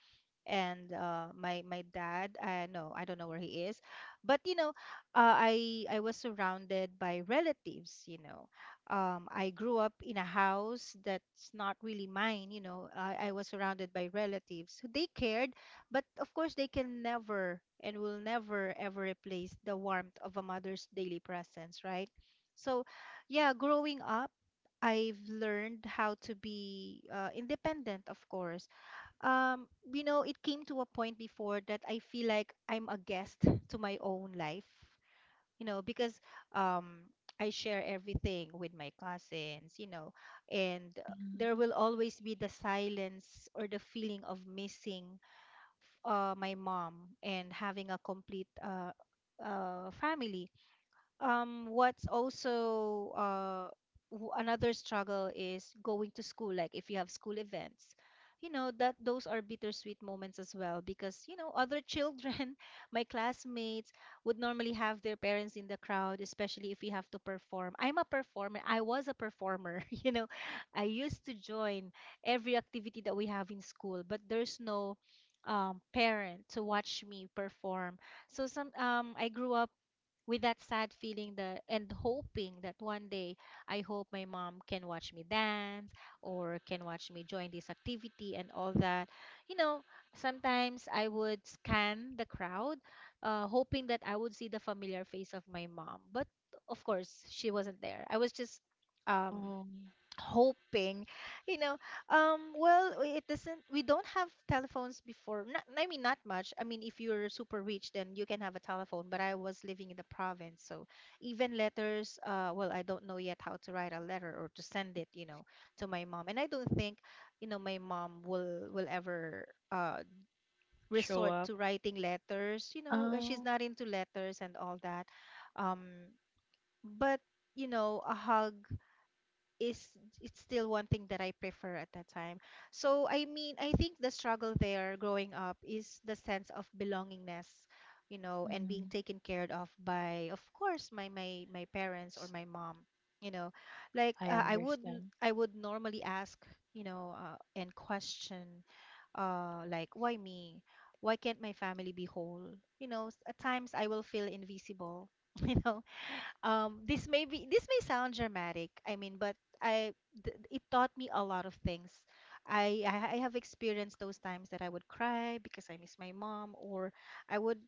Speaker 1: and my dad, I no I don't know where he is, but you know I was surrounded by relatives, you know. I grew up in a house that's not really mine, you know, I was surrounded by relatives, they cared, but of course they can never and will never ever replace the warmth of a mother's daily presence, right? So yeah, growing up, I've learned how to be independent, of course. um you know, it came to a point before that I feel like I'm a guest to my own life, you know, because um I share everything with my cousins, you know. And
Speaker 2: Mm.
Speaker 1: there will always be the silence or the feeling of missing my mom and having a complete family. What's also another struggle is going to school, like if you have school events, you know that those are bittersweet moments as well, because you know, other children, my classmates would normally have their parents in the crowd, especially if we have to perform. I'm a performer, I was a performer, you know. I used to join every activity that we have in school, but there's no parent to watch me perform. So some I grew up with that sad feeling that, and hoping that one day I hope my mom can watch me dance or can watch me join this activity and all that. You know, sometimes I would scan the crowd, hoping that I would see the familiar face of my mom. But of course, she wasn't there. I was just um
Speaker 2: Oh.
Speaker 1: hoping, you know. Well, it doesn't, we don't have telephones before, not, I mean, not much, I mean if you're super rich then you can have a telephone, but I was living in the province. So even letters, well, I don't know yet how to write a letter or to send it, you know, to my mom. And I don't think, you know, my mom will ever uh
Speaker 2: Show
Speaker 1: resort
Speaker 2: up.
Speaker 1: to writing letters, you know. She's
Speaker 2: Oh.
Speaker 1: not into letters and all that. um but you know, a hug is, it's still one thing that I prefer at that time. So I mean, I think the struggle there growing up is the sense of belongingness, you know, and being
Speaker 2: Mm.
Speaker 1: taken care of by, of course, my parents
Speaker 2: s-
Speaker 1: or my mom. You know, like
Speaker 2: I
Speaker 1: I would,
Speaker 2: understand.
Speaker 1: I would normally ask, you know, and question, like, why me? Why can't my family be whole? You know, at times I will feel invisible. You know, this may sound dramatic, I mean, but I it taught me a lot of things. I have experienced those times that I would cry because I miss my mom, or I would,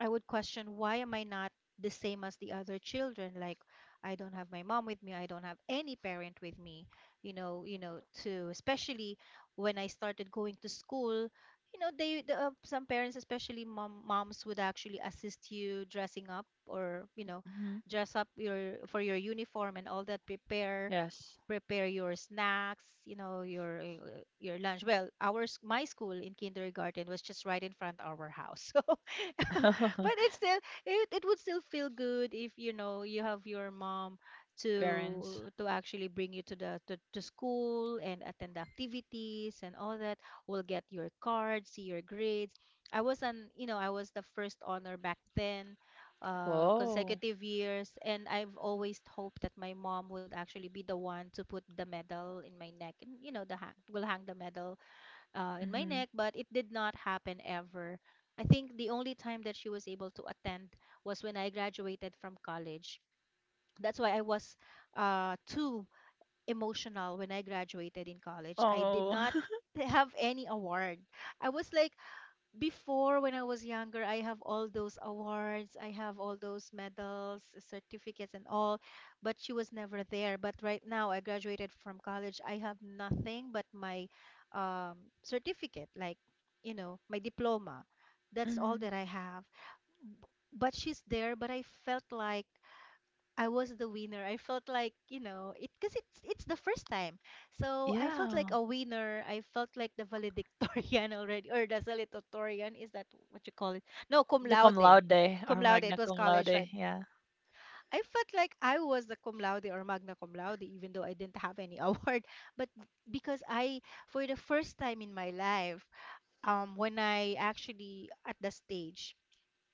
Speaker 1: I would question, why am I not the same as the other children? Like, I don't have my mom with me, I don't have any parent with me, you know. To especially when I started going to school, you know, they some parents, especially moms, would actually assist you dressing up, or you know, dress up your for your uniform and all that, prepare,
Speaker 2: Yes.
Speaker 1: prepare your snacks, you know, your lunch. Well, ours, my school in kindergarten was just right in front our house, so but it's still, it would still feel good if you know, you have your mom
Speaker 2: Parents.
Speaker 1: to actually bring you to the to school and attend the activities and all that. We'll get your card, see your grades. I was an, you know, I was the first honor back then,
Speaker 2: Whoa.
Speaker 1: consecutive years. And I've always hoped that my mom would actually be the one to put the medal in my neck, and you know, the will hang the medal in my
Speaker 2: Hmm.
Speaker 1: neck. But it did not happen ever. I think the only time that she was able to attend was when I graduated from college. That's why I was too emotional when I graduated in college. I did
Speaker 2: Oh.
Speaker 1: not have any award. I was like, before, when I was younger, I have all those awards, I have all those medals, certificates, and all, but she was never there. But right now, I graduated from college. I have nothing but my um, certificate, like, you know, my diploma. That's all
Speaker 2: Hmm.
Speaker 1: that I have. B- But she's there, but I felt like I was the winner. I felt like, you know, it because it's the first time. So I felt
Speaker 2: Yeah.
Speaker 1: like a winner. I felt like the valedictorian already, or the salutatorian. Is that what you call it? No, cum
Speaker 2: The cum
Speaker 1: laude.
Speaker 2: laude
Speaker 1: Cum
Speaker 2: or
Speaker 1: laude. It
Speaker 2: magna
Speaker 1: was
Speaker 2: cum
Speaker 1: college, right?
Speaker 2: laude. Yeah.
Speaker 1: I felt like I was the cum laude or magna cum laude, even though I didn't have any award. But because I, for the first time in my life, when I actually at the stage,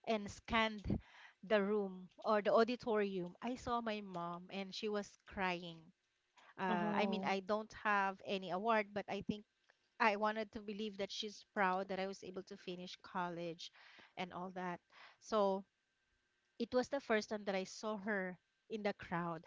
Speaker 1: and scanned the room or the auditorium, I saw my mom and she was crying. I mean,
Speaker 2: Oh.
Speaker 1: I don't have any award, but I think I wanted to believe that she's proud that I was able to finish college and all that. So it was the first time that I saw her in the crowd,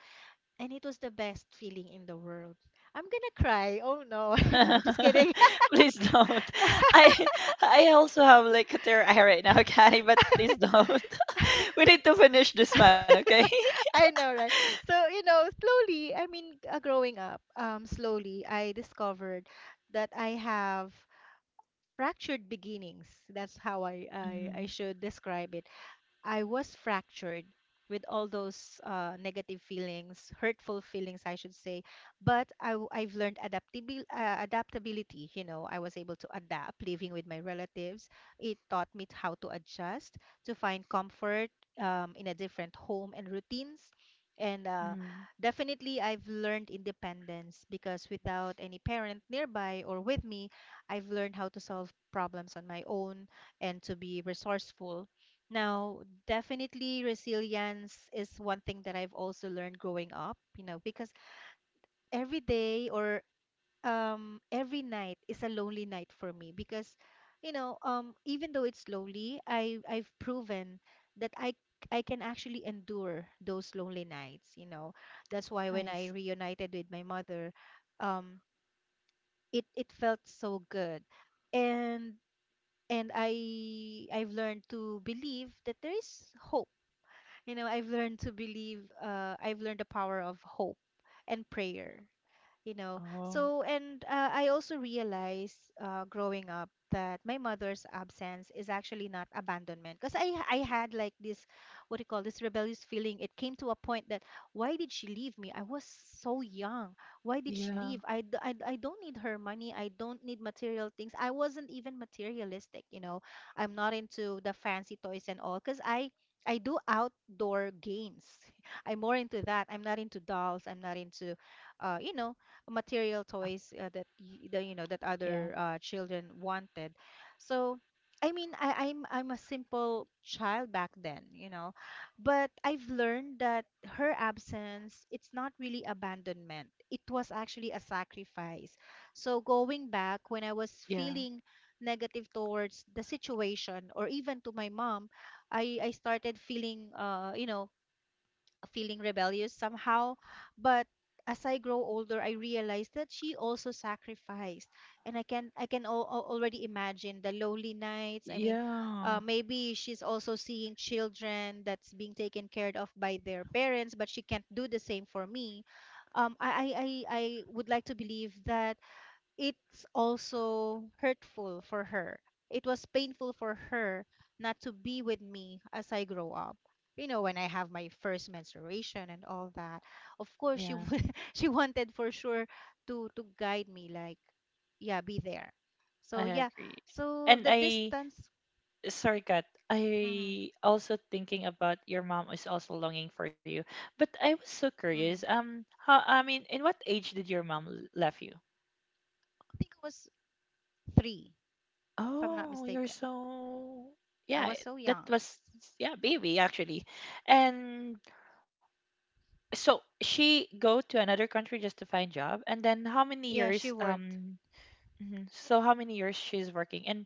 Speaker 1: and it was the best feeling in the world. I'm gonna cry. Oh no, no, just kidding.
Speaker 2: Please don't. I I also have like a tear eye right now, okay? But please don't. We need to finish this one, okay?
Speaker 1: I know, right? So, you know, slowly, I mean, growing up, slowly, I discovered that I have fractured beginnings. That's how I
Speaker 2: Mhm.
Speaker 1: should describe it. I was fractured with all those negative feelings, hurtful feelings, I should say. But I've learned adaptability. You know, I was able to adapt living with my relatives. It taught me how to adjust, to find comfort in a different home and routines. And
Speaker 2: Mhm.
Speaker 1: definitely, I've learned independence, because without any parent nearby or with me, I've learned how to solve problems on my own and to be resourceful. Now, definitely resilience is one thing that I've also learned growing up, you know, because every day, or every night is a lonely night for me. Because you know, even though it's lonely, I've proven that I can actually endure those lonely nights, you know. That's why
Speaker 2: I
Speaker 1: when
Speaker 2: see.
Speaker 1: I reunited with my mother, um it, it felt so good. And I've learned to believe that there is hope. You know, I've learned to believe, I've learned the power of hope and prayer, you know.
Speaker 2: Oh.
Speaker 1: So and I also realized growing up that my mother's absence is actually not abandonment, because I had like this, what do you call, this rebellious feeling. It came to a point that, why did she leave me? I was so young, why did she
Speaker 2: Yeah.
Speaker 1: leave? I don't need her money, I don't need material things. I wasn't even materialistic, you know. I'm not into the fancy toys and all, because I do outdoor games. I'm more into that. I'm not into dolls, I'm not into you know, material toys, that the you know, that other
Speaker 2: Yeah.
Speaker 1: children wanted. So I mean, I'm a simple child back then, you know, but I've learned that her absence, it's not really abandonment. It was actually a sacrifice. So going back, when I was
Speaker 2: Yeah.
Speaker 1: feeling negative towards the situation or even to my mom, I started feeling you know, feeling rebellious somehow. But as I grow older, I realize that she also sacrificed, and I can already imagine the lonely nights. I mean,
Speaker 2: Yeah.
Speaker 1: maybe she's also seeing children that's being taken care of by their parents, but she can't do the same for me. Um, I I I I would like to believe that it's also hurtful for her. It was painful for her not to be with me as I grow up. You know, when I have my first menstruation and all that. Of course,
Speaker 2: Yeah.
Speaker 1: she wanted, for sure, to guide me, like, yeah, be there.
Speaker 2: I
Speaker 1: So yeah,
Speaker 2: agree.
Speaker 1: so
Speaker 2: And
Speaker 1: the
Speaker 2: I
Speaker 1: distance.
Speaker 2: Sorry Kat,
Speaker 1: Hmm.
Speaker 2: I also thinking about your mom is also longing for you. But I was so curious.
Speaker 1: Hmm.
Speaker 2: How, I mean, in what age did your mom left you?
Speaker 1: I think it was three, if I'm not
Speaker 2: Oh, you're
Speaker 1: mistaken.
Speaker 2: so
Speaker 1: I
Speaker 2: yeah,
Speaker 1: was so
Speaker 2: that
Speaker 1: young.
Speaker 2: was yeah, baby actually. And so she go to another country just to find job, and then how many
Speaker 1: Yeah,
Speaker 2: years
Speaker 1: she worked.
Speaker 2: um mhm, so how many years she's working and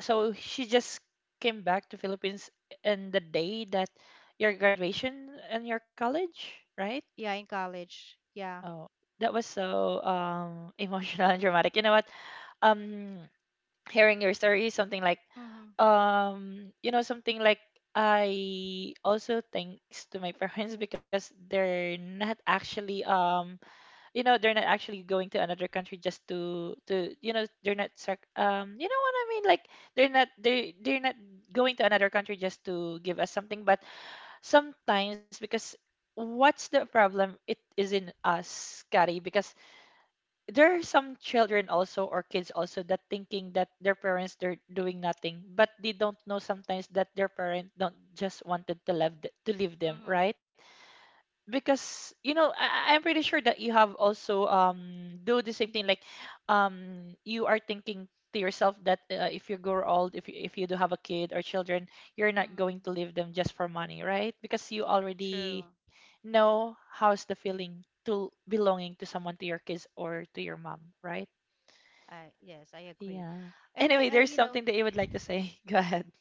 Speaker 2: so she just came back to Philippines in the day that your graduation and your college, right?
Speaker 1: Yeah, in college. Yeah.
Speaker 2: Oh, that was so emotional and dramatic. You know what? Um, Hearing your story is something like
Speaker 1: Mm-hmm.
Speaker 2: you know, something like I also thanks to my parents because they're not actually you know they're not actually going to another country just to you know they're not you know what I mean, like they're not they're not going to another country just to give us something. But sometimes, because what's the problem, it is in us, Kari, because there are some children also, or kids also, that thinking that their parents they're doing nothing, but they don't know sometimes that their parent don't just wanted to love to leave them,
Speaker 1: Mm-hmm.
Speaker 2: right? Because, you know, I'm pretty sure that you have also do the same thing like you are thinking to yourself that, if you grow old, if you do have a kid or children, you're not going
Speaker 1: Mm-hmm.
Speaker 2: to leave them just for money, right? Because you already
Speaker 1: True.
Speaker 2: know how's the feeling to belonging to someone, to your kids or to your mom, right?
Speaker 1: Yes, I agree.
Speaker 2: Yeah.
Speaker 1: And
Speaker 2: Anyway,
Speaker 1: I,
Speaker 2: there's something that you would like to say, go ahead.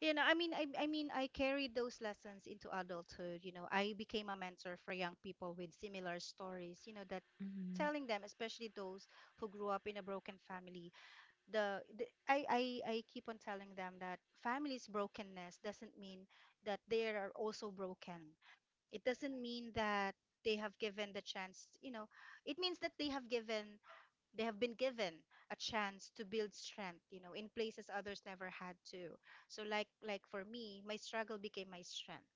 Speaker 1: you know, I mean, I carried those lessons into adulthood. You know, I became a mentor for young people with similar stories. You know, that
Speaker 2: Mhm.
Speaker 1: telling them, especially those who grew up in a broken family, I keep on telling them that family's brokenness doesn't mean that they are also broken. It doesn't mean that they have given the chance. You know, it means that they have been given a chance to build strength in places others never had to. So like for me, my struggle became my strength.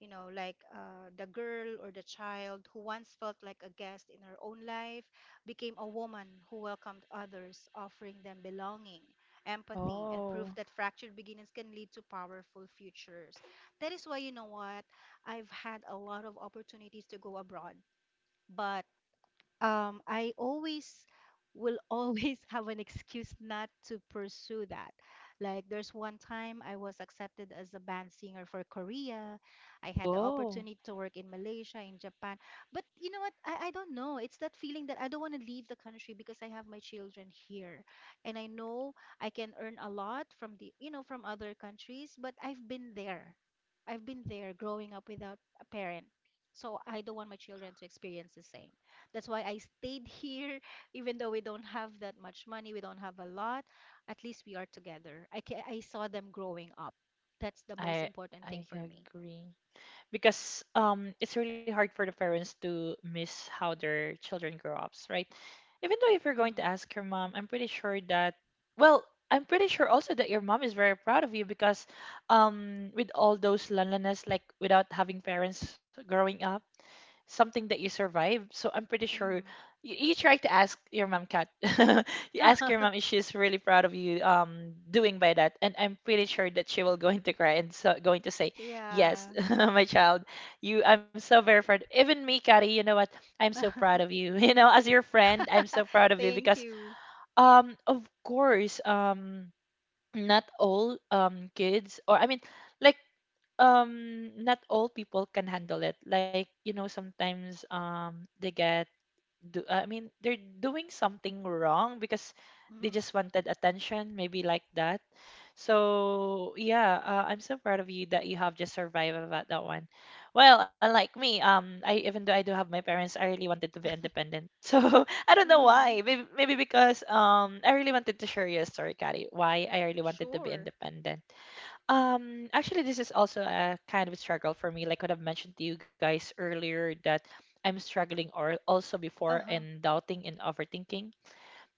Speaker 1: The girl or the child who once felt like a guest in her own life became a woman who welcomed others, offering them belonging, empathy, and proof
Speaker 2: Oh.
Speaker 1: that fractured beginnings can lead to powerful futures. That is why, you know what, I've had a lot of opportunities to go abroad, but I always will always have an excuse not to pursue that. Like there's one time I was accepted as a band singer for Korea. I had the
Speaker 2: Oh.
Speaker 1: opportunity to work in Malaysia, in Japan. But you know what? I don't know. It's that feeling that I don't want to leave the country because I have my children here. And I know I can earn a lot from the, you know, from other countries, but I've been there. I've been there growing up without a parent. So I don't want my children to experience the same. That's why I stayed here, even though we don't have that much money, we don't have a lot. At least we are together. I saw them growing up. That's the most
Speaker 2: I
Speaker 1: important thing
Speaker 2: I
Speaker 1: for me.
Speaker 2: agree, because, it's really hard for the parents to miss how their children grow up, right? Even though if you're going to
Speaker 1: Mm-hmm.
Speaker 2: ask your mom, I'm pretty sure that, well, I'm pretty sure also that your mom is very proud of you, because with all those loneliness, like without having parents growing up, something that you survived. So I'm pretty sure you try to ask your mom, Kat. You ask your
Speaker 1: Mm-hmm.
Speaker 2: mom if she's really proud of you doing by that, and I'm pretty sure that she will going to cry and so going to say, "Yes,
Speaker 1: Yeah.
Speaker 2: my child, you. I'm so very proud." Even me, Kari. You know what? I'm so proud of you. You know, as your friend, I'm so proud of you
Speaker 1: Thank
Speaker 2: because
Speaker 1: you.
Speaker 2: of course not all kids, or I mean, like, not all people can handle it, like, you know, sometimes they get do I mean they're doing something wrong because they
Speaker 1: Mm-hmm.
Speaker 2: just wanted attention maybe, like that. So yeah, I'm so proud of you that you have just survived about that one. Well, unlike me, I even though I do have my parents I really wanted to be independent. So I don't know
Speaker 1: Mm-hmm.
Speaker 2: why. Maybe, maybe because I really wanted to share you a story, Kari, why I really wanted to be
Speaker 1: Sure.
Speaker 2: independent. Actually, this is also a kind of struggle for me. Like what I've mentioned to you guys earlier, that I'm struggling, or also before,
Speaker 1: Uh-huh.
Speaker 2: in doubting and overthinking,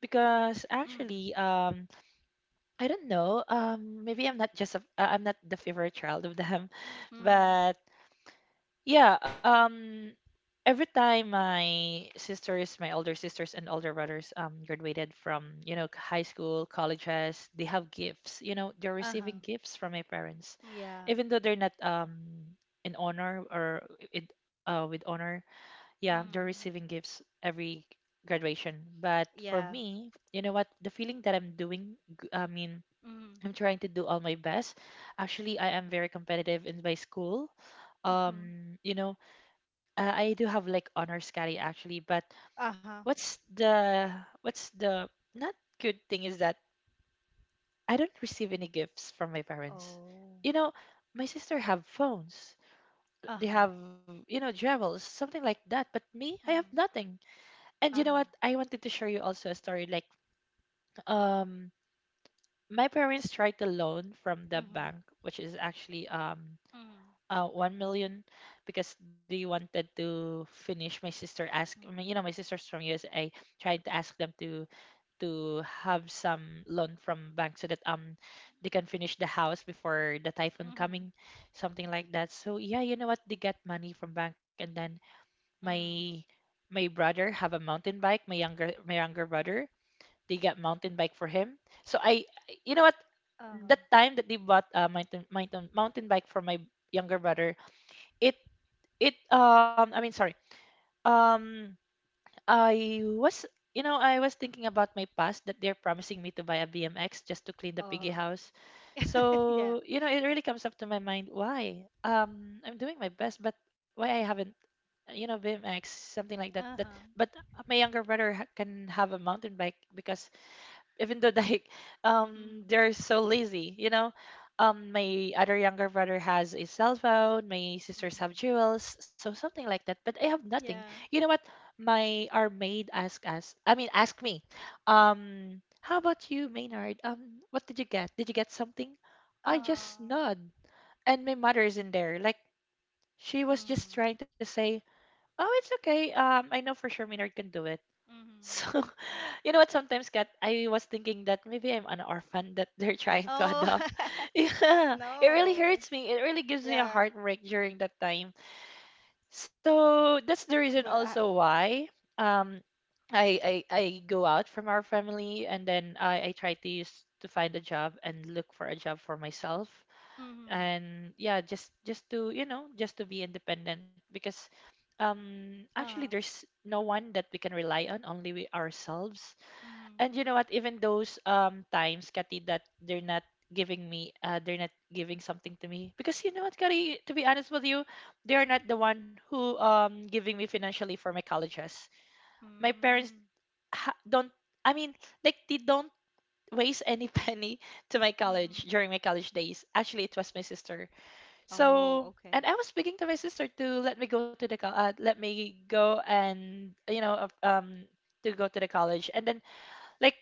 Speaker 2: because
Speaker 1: Mm-hmm.
Speaker 2: actually, I don't know. Maybe I'm not just a, I'm not the favorite child of them,
Speaker 1: Mm-hmm.
Speaker 2: but yeah. Every time my sisters, my older sisters and older brothers graduated from, you know, high school, colleges, they have gifts. You know, they're receiving
Speaker 1: Uh-huh.
Speaker 2: gifts from my parents.
Speaker 1: Yeah.
Speaker 2: Even though they're not in honor, or it with honor, yeah, they're
Speaker 1: Mm-hmm.
Speaker 2: receiving gifts every graduation. But for
Speaker 1: Yeah.
Speaker 2: me, you know what, the feeling that I mean,
Speaker 1: Mm-hmm.
Speaker 2: I'm trying to do all my best. Actually, I am very competitive in my school.
Speaker 1: Mm-hmm.
Speaker 2: You know, I do have like honors Carry actually, but
Speaker 1: Uh-huh.
Speaker 2: what's the what's the not good thing is that I don't receive any gifts from my parents.
Speaker 1: Oh.
Speaker 2: You know, my sister have phones. They
Speaker 1: Uh-huh.
Speaker 2: have, you know, jewels, something like that, but me, I have
Speaker 1: Mm.
Speaker 2: nothing. And you know what?
Speaker 1: Uh-huh.
Speaker 2: I wanted to share you also a story like um my parents tried to loan from the
Speaker 1: Mm-hmm.
Speaker 2: bank, which is actually
Speaker 1: Mm-hmm.
Speaker 2: 1 million, because they wanted to finish my sister asked, I, you know,
Speaker 1: Mhm.
Speaker 2: my sister's from USA tried to ask them to have some loan from bank so that they can finish the house before the typhoon
Speaker 1: Mhm.
Speaker 2: coming, something like that. So yeah, you know what, they get money from bank, and then my
Speaker 1: Mhm.
Speaker 2: my brother have a mountain bike. My younger, my younger brother, they got mountain bike for him. So I, you know what,
Speaker 1: Uh-huh.
Speaker 2: that time that they bought a mountain bike for my younger brother, it it I mean, sorry, um I was, you know, I was thinking about my past that they're promising me to buy a BMX just to clean the piggy
Speaker 1: Uh-huh.
Speaker 2: house.
Speaker 1: Yeah.
Speaker 2: So you know, it really comes up to my mind why I'm doing my best, but why I haven't, you know, BMX, something like that that.
Speaker 1: Uh-huh.
Speaker 2: But my younger brother can have a mountain bike because even though like
Speaker 1: Mhm.
Speaker 2: they're so lazy, you know, my other younger brother has a cell phone, my sisters
Speaker 1: Mhm.
Speaker 2: have jewels, so something like that, but I have nothing.
Speaker 1: Yeah.
Speaker 2: You know what, my our maid asked us, I mean, asked me, how about you, Maynard, what did you get, did you get something? I just
Speaker 1: Uh-huh.
Speaker 2: nod, and my mother is in there, like, she was just
Speaker 1: Mhm.
Speaker 2: trying to say, oh, it's okay, I know for sure Maynard can do it. So,
Speaker 1: Mhm.
Speaker 2: you know what? Sometimes, Kat, I was thinking that maybe I'm an orphan that they're trying to
Speaker 1: Oh,
Speaker 2: adopt. Yeah, it really
Speaker 1: no.
Speaker 2: hurts me. It really gives me a
Speaker 1: Yeah.
Speaker 2: heartbreak during that time. So that's the reason
Speaker 1: But I,
Speaker 2: also why um I go out from our family, and then I try to use to find a job and look for a job for myself.
Speaker 1: Mhm.
Speaker 2: And yeah, just to just to be independent because actually
Speaker 1: uh,
Speaker 2: there's no one that we can rely on, only we ourselves.
Speaker 1: Mhm.
Speaker 2: And you know what, even those times, Kati, that they're not giving me they're not giving something to me, because you know what, Kati, to be honest with you, they're not the one who giving me financially for my colleges. My parents
Speaker 1: Mm.
Speaker 2: don't, I mean, like they don't waste any penny to my college.
Speaker 1: Mhm.
Speaker 2: During my college days, actually it was my sister.
Speaker 1: Oh,
Speaker 2: So,
Speaker 1: okay.
Speaker 2: and I was speaking to my sister to let me go to the let me go and you know to go to the college. And then, like,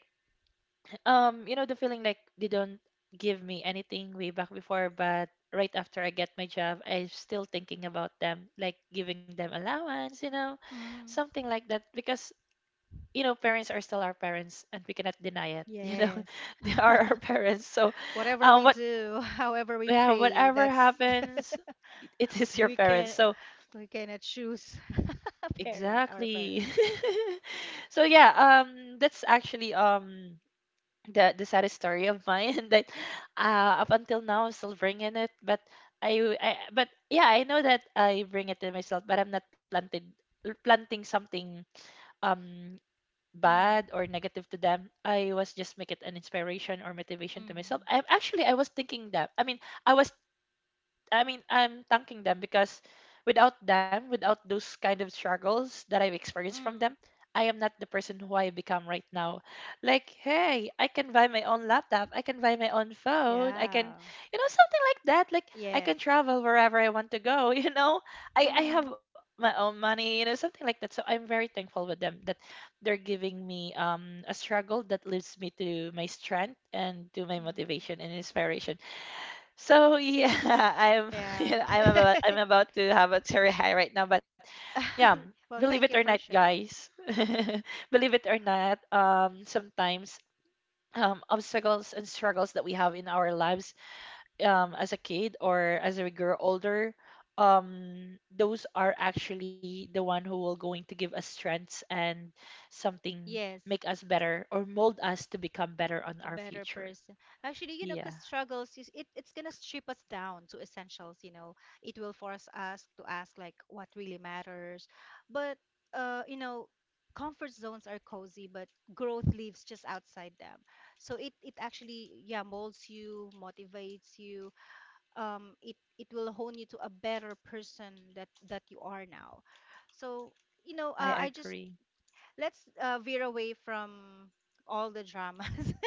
Speaker 2: you know the feeling, like they don't give me anything way back before, but right after I get my job, I'm still thinking about them, like giving them allowance, you know,
Speaker 1: Mhm.
Speaker 2: something like that. Because you know, parents are still our parents and we cannot deny it. You know,
Speaker 1: Yes.
Speaker 2: they are our parents, so
Speaker 1: Whatever we
Speaker 2: what
Speaker 1: do, however we
Speaker 2: yeah,
Speaker 1: pray,
Speaker 2: whatever
Speaker 1: that's
Speaker 2: happens, it is your
Speaker 1: we
Speaker 2: parents,
Speaker 1: can
Speaker 2: so
Speaker 1: we cannot choose parent our
Speaker 2: exactly.
Speaker 1: parents.
Speaker 2: So yeah, that's actually um, the saddest story of mine, that up until now I'm still bringing it. But I but yeah, I know that I bring it to myself, but I'm not planted planting something um
Speaker 1: Mhm.
Speaker 2: bad or negative to them. I was just make it an inspiration or motivation to myself.
Speaker 1: Mhm.
Speaker 2: I actually I was thinking that. I mean, I was I mean, I'm thanking them, because without them, without those kind of struggles that I've experienced from them,
Speaker 1: Mm.
Speaker 2: I am not the person who I become right now. Like, hey, I can buy my own laptop, I can buy my own phone, I can,
Speaker 1: Yeah.
Speaker 2: you know, something like that. Like, I
Speaker 1: Yes.
Speaker 2: can travel wherever I want to go, you know? I
Speaker 1: Hmm.
Speaker 2: have my own money, you know, something like that. So I'm very thankful with them that they're giving me a struggle that leads me to my strength and to my
Speaker 1: Mm.
Speaker 2: motivation and inspiration. So yeah, I'm
Speaker 1: Yeah.
Speaker 2: yeah, I'm about to have a cherry high right now, but yeah,
Speaker 1: Well,
Speaker 2: believe it or
Speaker 1: thank you
Speaker 2: not,
Speaker 1: for sharing.
Speaker 2: guys, believe it or not, sometimes obstacles and struggles that we have in our lives, as a kid or as we grow older, those are actually the one who will going to give us strengths and something,
Speaker 1: Yes,
Speaker 2: make us better or mold us to become better on
Speaker 1: a
Speaker 2: our
Speaker 1: better
Speaker 2: future.
Speaker 1: person. Actually,
Speaker 2: Yeah,
Speaker 1: because struggles, it's gonna strip us down to essentials, you know. It will force us to ask like what really matters. But uh, you know, comfort zones are cozy, but growth lives just outside them. So it actually, yeah, molds you, motivates you, it will hone you to a better person that you are now. So
Speaker 2: I
Speaker 1: I
Speaker 2: agree.
Speaker 1: just let's veer away from all the dramas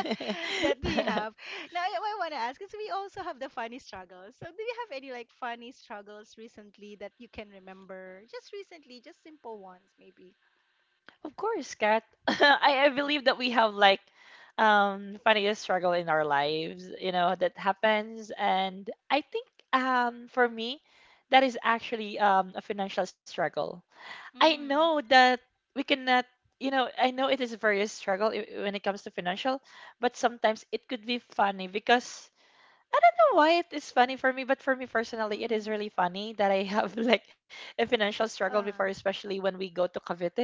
Speaker 1: that we have. Now, I want to ask is we also have the funny struggles. So do you have any like funny struggles recently that you can remember? Just recently, just simple ones maybe.
Speaker 2: course, Kat. I believe that we have like funniest struggle in our lives, you know, that happens. And I think for me, that is actually a financial struggle. I
Speaker 1: Mm.
Speaker 2: know that we cannot, you know, I know it is a very struggle when it comes to financial, but sometimes it could be funny, because I don't know why it is funny for me, but for me personally, it is
Speaker 1: Mm.
Speaker 2: really funny that I have like a financial struggle before,
Speaker 1: Uh.
Speaker 2: especially when we go to Cavite,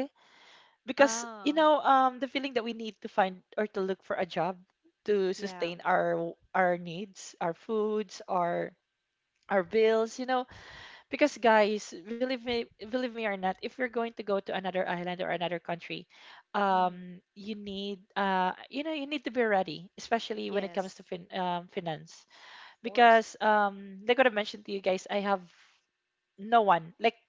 Speaker 2: because you
Speaker 1: Oh.
Speaker 2: know, the feeling that we need to find or to look for a job to
Speaker 1: Yeah.
Speaker 2: sustain our needs, our foods, our bills, you know, because guys, believe me or not, if you're going to go to another island or another country,
Speaker 1: Mm.
Speaker 2: you need, you know, you need to be ready, especially when it comes
Speaker 1: Yes.
Speaker 2: to finance,
Speaker 1: Of course.
Speaker 2: because like what I mentioned to you guys, I have no one. Like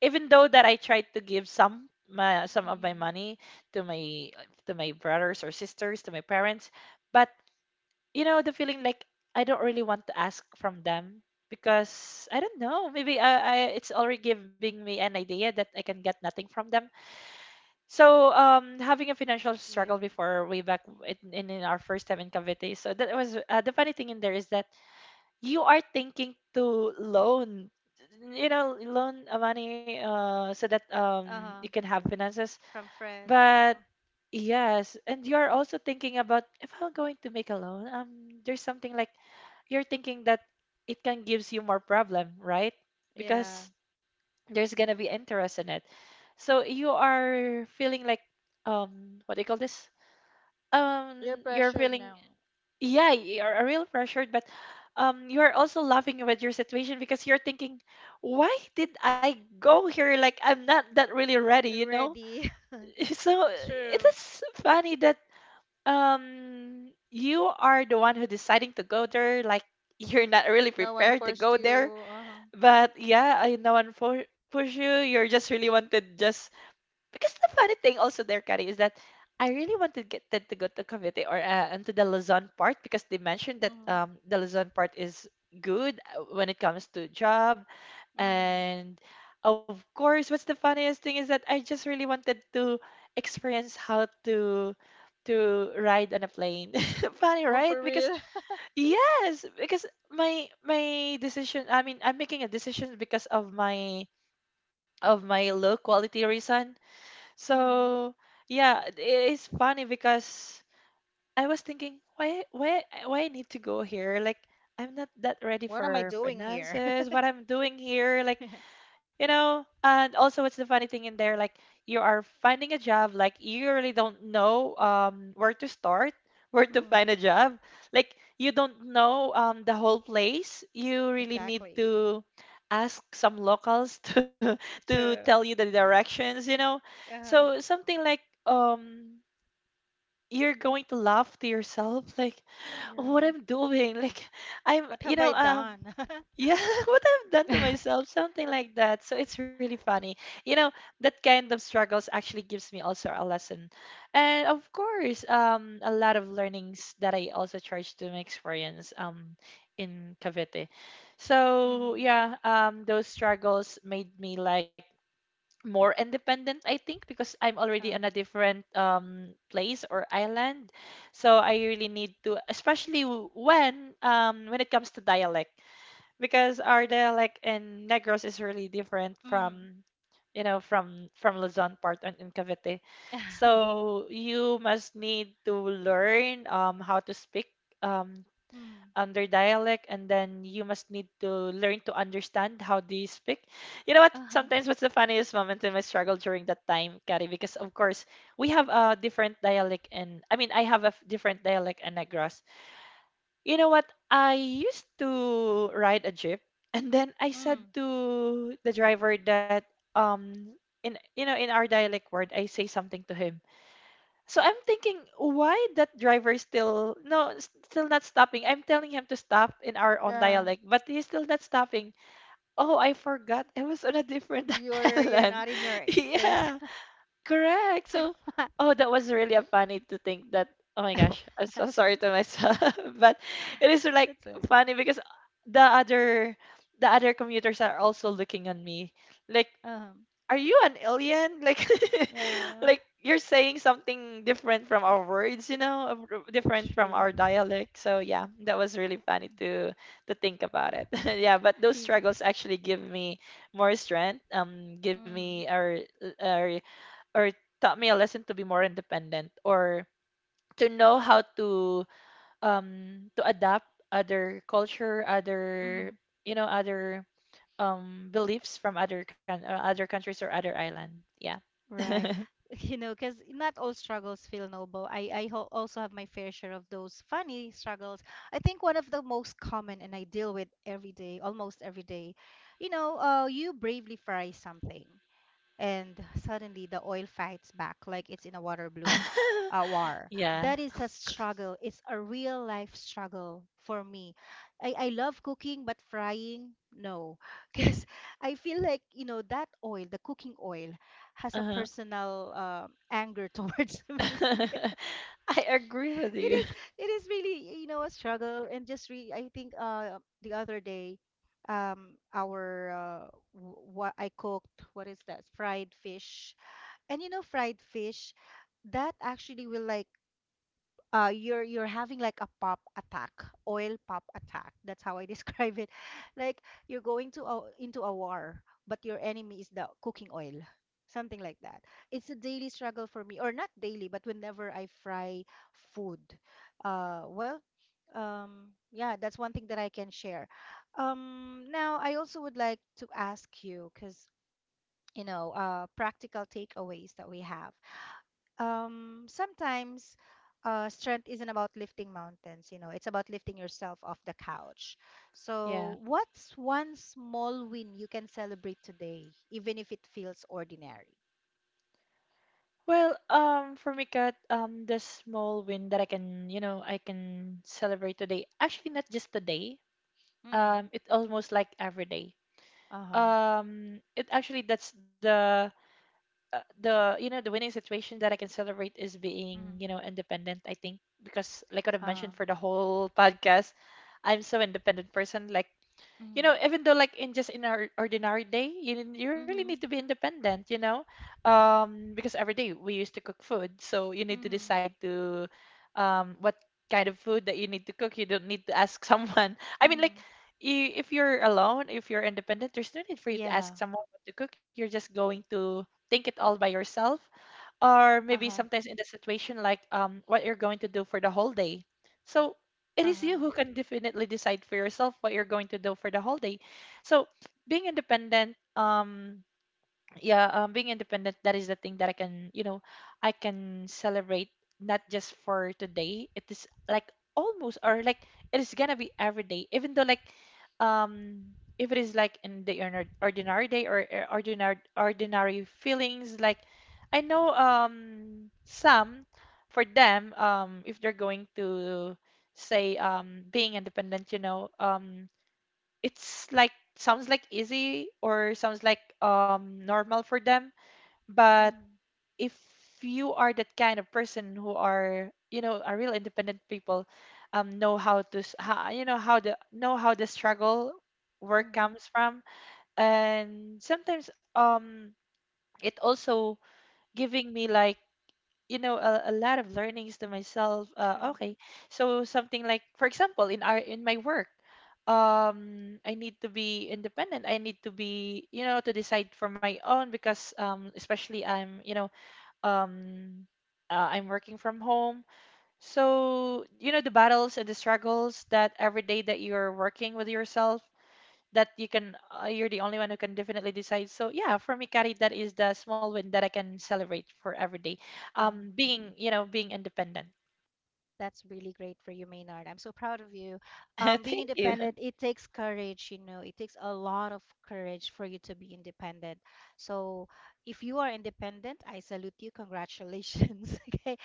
Speaker 2: even though that I tried to give some of my
Speaker 1: Mm-hmm.
Speaker 2: money to my to my brothers or sisters, to my parents, but you know the feeling, like I don't really want to ask from them, because I don't know, maybe I it's already giving me an idea that I can get nothing from them. So having a financial
Speaker 1: Yeah.
Speaker 2: struggle before way back in, in our first time in Cavite. So that was the funny thing in there is that you are thinking to loan, you know, loan money so that you
Speaker 1: Mm-hmm.
Speaker 2: can have finances,
Speaker 1: From friends.
Speaker 2: but
Speaker 1: Uh-huh.
Speaker 2: yes, and you are also thinking about if I'm going to make a loan, there's something like, you're thinking that it can gives you more problem, right?
Speaker 1: Yeah.
Speaker 2: Because there's gonna be interest in it, so you are feeling like, what do you call this,
Speaker 1: You're
Speaker 2: you're
Speaker 1: pressured
Speaker 2: feeling,
Speaker 1: now.
Speaker 2: yeah, you're a real pressured, but you're also laughing with your situation, because you're thinking, why did I go here? Like I'm not that really ready, you know.
Speaker 1: Already.
Speaker 2: So it
Speaker 1: True.
Speaker 2: is funny that you are the one who deciding to go there, like you're not really
Speaker 1: No one
Speaker 2: prepared to
Speaker 1: forced
Speaker 2: go there,
Speaker 1: you. Uh huh.
Speaker 2: but yeah, I no one push you, you're just really wanted, just because the funny thing also there, Kari, is that I really wanted to get to go to Cavite or into the Luzon part because they mentioned that
Speaker 1: Mm-hmm.
Speaker 2: the Luzon part is good when it comes to job.
Speaker 1: Mm-hmm.
Speaker 2: And of course, what's the funniest thing is that I just really wanted to experience how to ride on a plane. Funny,
Speaker 1: Oh,
Speaker 2: right?
Speaker 1: for
Speaker 2: Because
Speaker 1: real?
Speaker 2: yes, because my decision, I mean, I'm making a decision because of my low quality reason.
Speaker 1: Mm-hmm.
Speaker 2: So yeah, it is funny because I was thinking, why why I need to go here? Like I'm not that ready
Speaker 1: What am I
Speaker 2: for
Speaker 1: doing here?
Speaker 2: finances. What I'm doing here, like, you know. And also what's the funny thing in there, like you are finding a job, like you really don't know where to start, where to find a
Speaker 1: Mm.
Speaker 2: job, like you don't know the whole place, you really need
Speaker 1: Exactly.
Speaker 2: to ask some locals to tell
Speaker 1: True.
Speaker 2: you the directions, you know.
Speaker 1: Uh,
Speaker 2: So something like um you're going to laugh to yourself, like what
Speaker 1: Yeah.
Speaker 2: I'm doing, like I'm,
Speaker 1: What
Speaker 2: you
Speaker 1: have
Speaker 2: know,
Speaker 1: I done?
Speaker 2: yeah, what I've done to myself, something like that. So it's really funny. You know, that kind of struggles actually gives me also a lesson. And of course, a lot of learnings that I also charge to my experience in Cavite. So
Speaker 1: Mm-hmm.
Speaker 2: yeah, those struggles made me like more independent, I think, because I'm already on
Speaker 1: Uh-huh.
Speaker 2: a different place or island. So I really need to, especially when it comes to dialect, because our dialect in Negros is really different
Speaker 1: Mm-hmm.
Speaker 2: from, you know, from Luzon part and in Cavite. So you must need to learn how to speak um
Speaker 1: Mm-hmm.
Speaker 2: under dialect, and then you must need to learn to understand how they speak. You know what?
Speaker 1: Uh-huh.
Speaker 2: Sometimes what's the funniest moment in my struggle during that time, Kari, because of course we have a different dialect in, I mean, I have a different dialect in Negros. You know what? I used to ride a jeep, and then I said
Speaker 1: Mm.
Speaker 2: to the driver that um in, you know, in our dialect word, I say something to him. So I'm thinking, why that driver is still still not stopping? I'm telling him to stop in our own
Speaker 1: Yeah.
Speaker 2: dialect, but he's still not stopping. Oh, I forgot. I was on a different
Speaker 1: You're
Speaker 2: island.
Speaker 1: not in your
Speaker 2: Yeah.
Speaker 1: place.
Speaker 2: Correct. So, oh, that was really a funny to think that. Oh my gosh, I'm so sorry to myself, but it is like
Speaker 1: That's it.
Speaker 2: funny, because the other the other commuters are also looking on me, like,
Speaker 1: Uh-huh.
Speaker 2: are you an alien? Like, like
Speaker 1: Yeah,
Speaker 2: you're saying something different from our words, you know, different from
Speaker 1: true.
Speaker 2: our dialect. So yeah, that was really funny to think about it. Yeah, but those
Speaker 1: Y-
Speaker 2: struggles actually give me more strength. Give me
Speaker 1: Mm,
Speaker 2: or or taught me a lesson to be more independent or to know how to adapt other culture other
Speaker 1: mm,
Speaker 2: other beliefs from other coun other countries or other island. Yeah.
Speaker 1: right. You know, because not all struggles feel noble. I ho also have my fair share of those funny struggles. I think one of the most common, and I deal with every day, almost every day, you bravely fry something, and suddenly the oil fights back like it's in a water balloon war. That
Speaker 2: Yeah.
Speaker 1: is a struggle. It's a real life struggle for me. I love cooking, but frying, no. Because I feel like, that oil, the cooking oil, has a
Speaker 2: Uh-huh.
Speaker 1: personal anger towards me.
Speaker 2: I agree with
Speaker 1: It
Speaker 2: you.
Speaker 1: is it is really, a struggle. And just re I think the other day, um, our uh, what I cooked, what is that? Fried fish and fried fish, that actually will, like, you're having like a pop attack, oil pop attack. That's how I describe it. Like you're going into a war, but your enemy is the cooking oil. Something like that. It's a daily struggle for me, or not daily, but whenever I fry food. Well, yeah, that's one thing that I can share. Now, I also would like to ask you, because, practical takeaways that we have, sometimes, strength isn't about lifting mountains, you know, it's about lifting yourself off the couch. So,
Speaker 2: Yeah.
Speaker 1: what's one small win you can celebrate today, even if it feels ordinary?
Speaker 2: Well, for me, Kat, the small win that I can I can celebrate today, actually not just today,
Speaker 1: Mm-hmm.
Speaker 2: it's almost like every day,
Speaker 1: Uh-huh.
Speaker 2: it actually that's the the winning situation that I can celebrate is
Speaker 1: Mm-hmm.
Speaker 2: being, you know, independent. I think because like what I've
Speaker 1: Uh,
Speaker 2: mentioned for the whole podcast, I'm so independent person, like,
Speaker 1: Mm-hmm.
Speaker 2: you know, even though like in our ordinary day you, you really need
Speaker 1: Mhm.
Speaker 2: to be independent, you know. Because every day we used to cook food, so you need to
Speaker 1: Mm-hmm.
Speaker 2: decide to what kind of food that you need to cook. You don't need to ask someone. I mean, like,
Speaker 1: Mm-hmm.
Speaker 2: you, if you're alone, if you're independent, there's no need for you to
Speaker 1: Yeah.
Speaker 2: ask someone what to cook. You're just going to think it all by yourself. Or maybe
Speaker 1: Uh-huh.
Speaker 2: sometimes in the situation like, what you're going to do for the whole day. So it is you who
Speaker 1: Uh-huh.
Speaker 2: can definitely decide for yourself what you're going to do for the whole day. So being independent, yeah, being independent, that is the thing that I can, you know, I can celebrate, not just for today, it is like almost, or like, it is gonna be every day. Even though like, um if it is like in the ordinary day, or ordinary feelings, like, I know some, for them, if they're going to say, being independent, you know, it's like sounds like easy, or sounds like normal for them. But
Speaker 1: Mm-hmm.
Speaker 2: if you are that kind of person who are, you know, a real independent people, know how to how, you know how the struggle work
Speaker 1: Mm-hmm.
Speaker 2: comes from. And sometimes it also giving me like, you know, a lot of learnings to myself.
Speaker 1: True.
Speaker 2: Okay, so something like for example in our in my work, I need to be independent, I need to be, you know, to decide for my own, because especially I'm, you know, um I'm working from home. So you know the battles and the struggles that every day that you're working with yourself, that you can you're the only one who can definitely decide. So yeah, for me, Kari, that is the small win that I can celebrate for every day,
Speaker 1: Um
Speaker 2: being, you know, being independent.
Speaker 1: That's really great for you, Maynard. I'm so proud of you. Being
Speaker 2: Thank you.
Speaker 1: independent, it takes courage, it takes a lot of courage for you to be independent. So if you are independent, I salute you. Congratulations. Okay.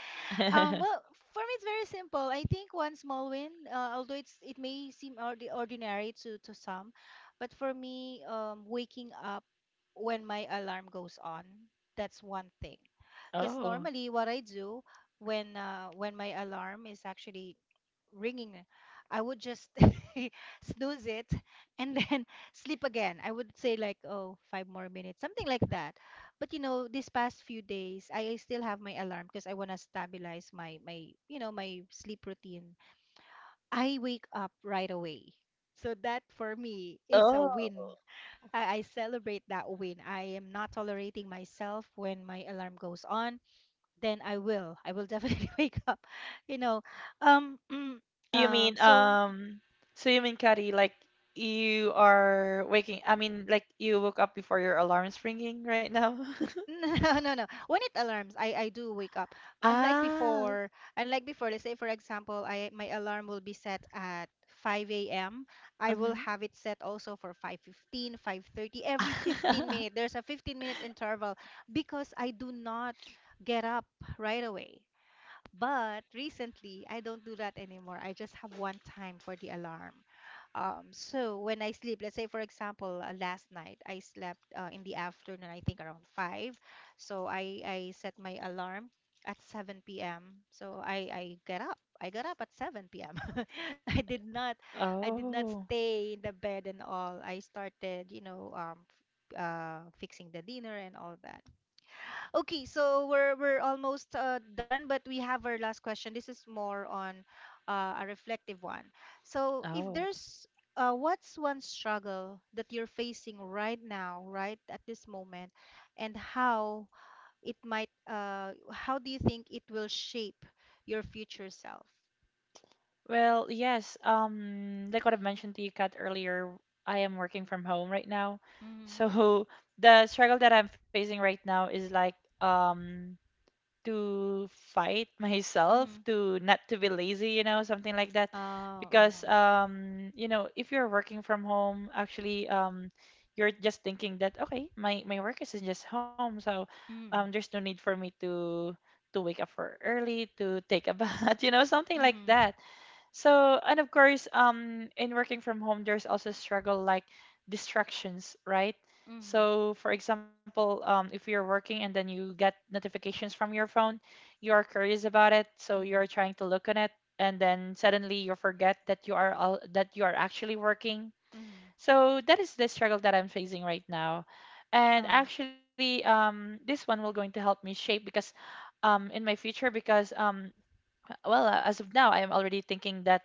Speaker 1: Well, for me it's very simple. I think one small win, although it may seem ordinary to some, but for me, waking up when my alarm goes on, that's one thing. Because
Speaker 2: oh
Speaker 1: normally what I do when my alarm is actually ringing, I would just snooze it and then sleep again. I would say like, oh, 5 more minutes, something like that. But you know, these past few days, I still have my alarm because I want to stabilize my my you know my sleep routine. I wake up right away, so that for me is a
Speaker 2: oh,
Speaker 1: win. I celebrate that win. I am not tolerating myself when my alarm goes on. Then I will. I will definitely wake up. You know, um,
Speaker 2: you mean
Speaker 1: So
Speaker 2: so you mean, Kari, like, you are waking, I mean, like, you woke up before your alarm's ringing right now?
Speaker 1: No, no, no. When it alarms, I do wake up. Unlike
Speaker 2: Ah.
Speaker 1: before, unlike before, let's say for example, I my alarm will be set at 5 a.m. I will
Speaker 2: Mhm.
Speaker 1: have it set also for 5:15, 5:30, every 15 minute. There's a 15-minute interval because I do not get up right away. But recently, I don't do that anymore. I just have one time for the alarm. So when I sleep, let's say for example, last night I slept in the afternoon, I think around five. So I set my alarm at 7 p.m. So I get up. I got up at 7 p.m. I did not I did not
Speaker 2: oh
Speaker 1: stay in the bed and all. I started, fixing the dinner and all that. Okay, so we're almost done, but we have our last question. This is more on a reflective one. So, if
Speaker 2: oh.
Speaker 1: there's what's one struggle that you're facing right now, right at this moment, and how do you think it will shape your future self?
Speaker 2: Well, yes. Like what I've mentioned to you, Kat, earlier, I am working from home right now.
Speaker 1: Mm-hmm.
Speaker 2: So the struggle that I'm facing right now is like, um to fight myself
Speaker 1: Mm-hmm.
Speaker 2: to not to be lazy, you know, something like that.
Speaker 1: Oh,
Speaker 2: Because
Speaker 1: uh-huh.
Speaker 2: you know, if you're working from home, actually, you're just thinking that okay, my work is just home, so
Speaker 1: Mm.
Speaker 2: there's no need for me to wake up for early, to take a bath, you know, something like
Speaker 1: Mm-hmm.
Speaker 2: that. So, and of course, in working from home, there's also struggle like distractions, right?
Speaker 1: Mm-hmm.
Speaker 2: So, for example, if you're working and then you get notifications from your phone, you are curious about it, so you're
Speaker 1: Mm-hmm.
Speaker 2: trying to look on it, and then suddenly you forget that you are that you are actually working.
Speaker 1: Mm-hmm.
Speaker 2: So that is the struggle that I'm facing right now. And
Speaker 1: Um.
Speaker 2: actually, this one will going to help me shape, because in my future, because well, as of now, I am already thinking that,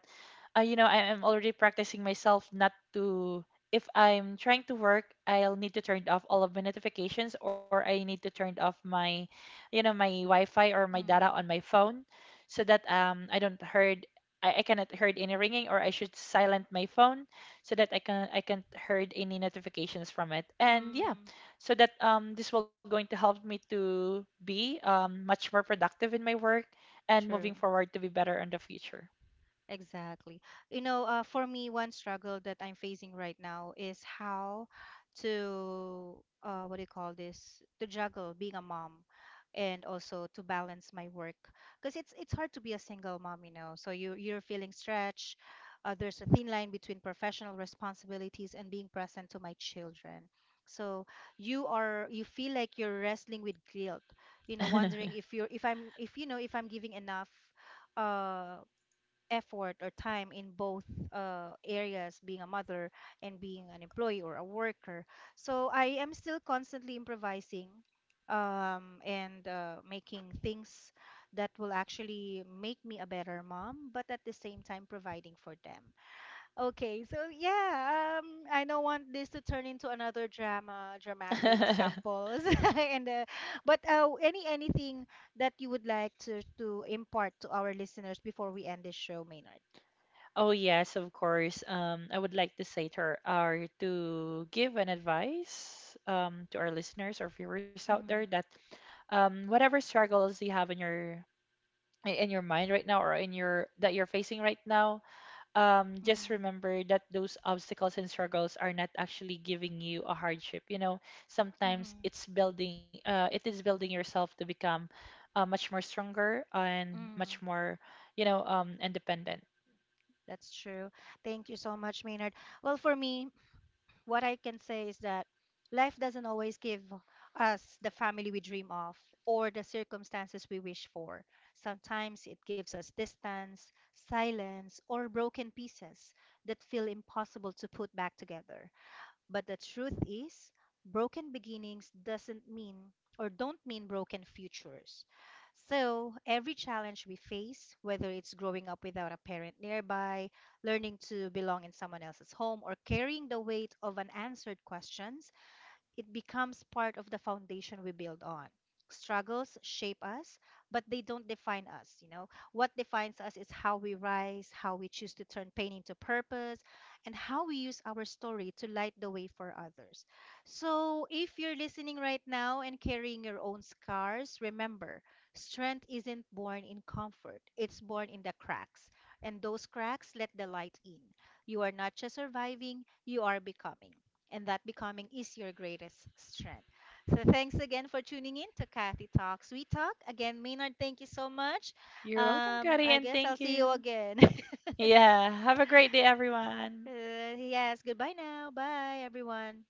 Speaker 2: you know, I am already practicing myself not to. If I'm trying to work, I'll need to turn off all of my notifications, or I need to turn off my, you know, my Wi-Fi or my data on
Speaker 1: Mm.
Speaker 2: my phone, so that I don't heard, I cannot heard any ringing, or I should silent my phone so that I can I can't heard any notifications from it. And yeah,
Speaker 1: Mm.
Speaker 2: so that this will going to help me to be much more productive in my work, and moving
Speaker 1: True.
Speaker 2: forward to be better in the future.
Speaker 1: Exactly. For me, one struggle that I'm facing right now is what do you call this? To juggle being a mom and also to balance my work. Because it's hard to be a single mom, you know. So you're feeling stretched. There's a thin line between professional responsibilities and being present to my children. So you feel like you're wrestling with guilt, you know, wondering if you're if I'm if you know if I'm giving enough uh effort or time in both areas, being a mother and being an employee or a worker. So I am still constantly improvising and making things that will actually make me a better mom, but at the same time providing for them. Okay, so yeah, I don't want this to turn into another dramatic samples, and but anything that you would like to impart to our listeners before we end this show, Maynard?
Speaker 2: Oh yes, of course. I would like to say to our to give an advice to our listeners or viewers out there
Speaker 1: Mm,
Speaker 2: that whatever struggles you have in your mind right now, or in your that you're facing right now, just
Speaker 1: mm,
Speaker 2: remember that those obstacles and struggles are not actually giving you a hardship. You know, sometimes it's
Speaker 1: mm,
Speaker 2: building, it is building yourself to become much more stronger and much
Speaker 1: mm.
Speaker 2: more, you know, independent.
Speaker 1: That's true. Thank you so much, Maynard. Well, for me, what I can say is that life doesn't always give us the family we dream of or the circumstances we wish for. Sometimes it gives us distance, silence, or broken pieces that feel impossible to put back together. But the truth is, broken beginnings doesn't mean or don't mean broken futures. So, every challenge we face, whether it's growing up without a parent nearby, learning to belong in someone else's home, or carrying the weight of unanswered questions, it becomes part of the foundation we build on. Struggles shape us, but they don't define us. What defines us is how we rise, how we choose to turn pain into purpose, and how we use our story to light the way for others. So, if you're listening right now and carrying your own scars, remember, strength isn't born in comfort. It's born in the cracks, and those cracks let the light in. You are not just surviving, you are becoming, and that becoming is your greatest strength. So thanks again for tuning in to Kathy Talks. We talk again, Maynard. Thank you so much.
Speaker 2: You're welcome, Kari,
Speaker 1: I
Speaker 2: and
Speaker 1: guess I'll
Speaker 2: thank
Speaker 1: see you
Speaker 2: you.
Speaker 1: again.
Speaker 2: Yeah, have a great day, everyone.
Speaker 1: Yes. Goodbye now. Bye, everyone.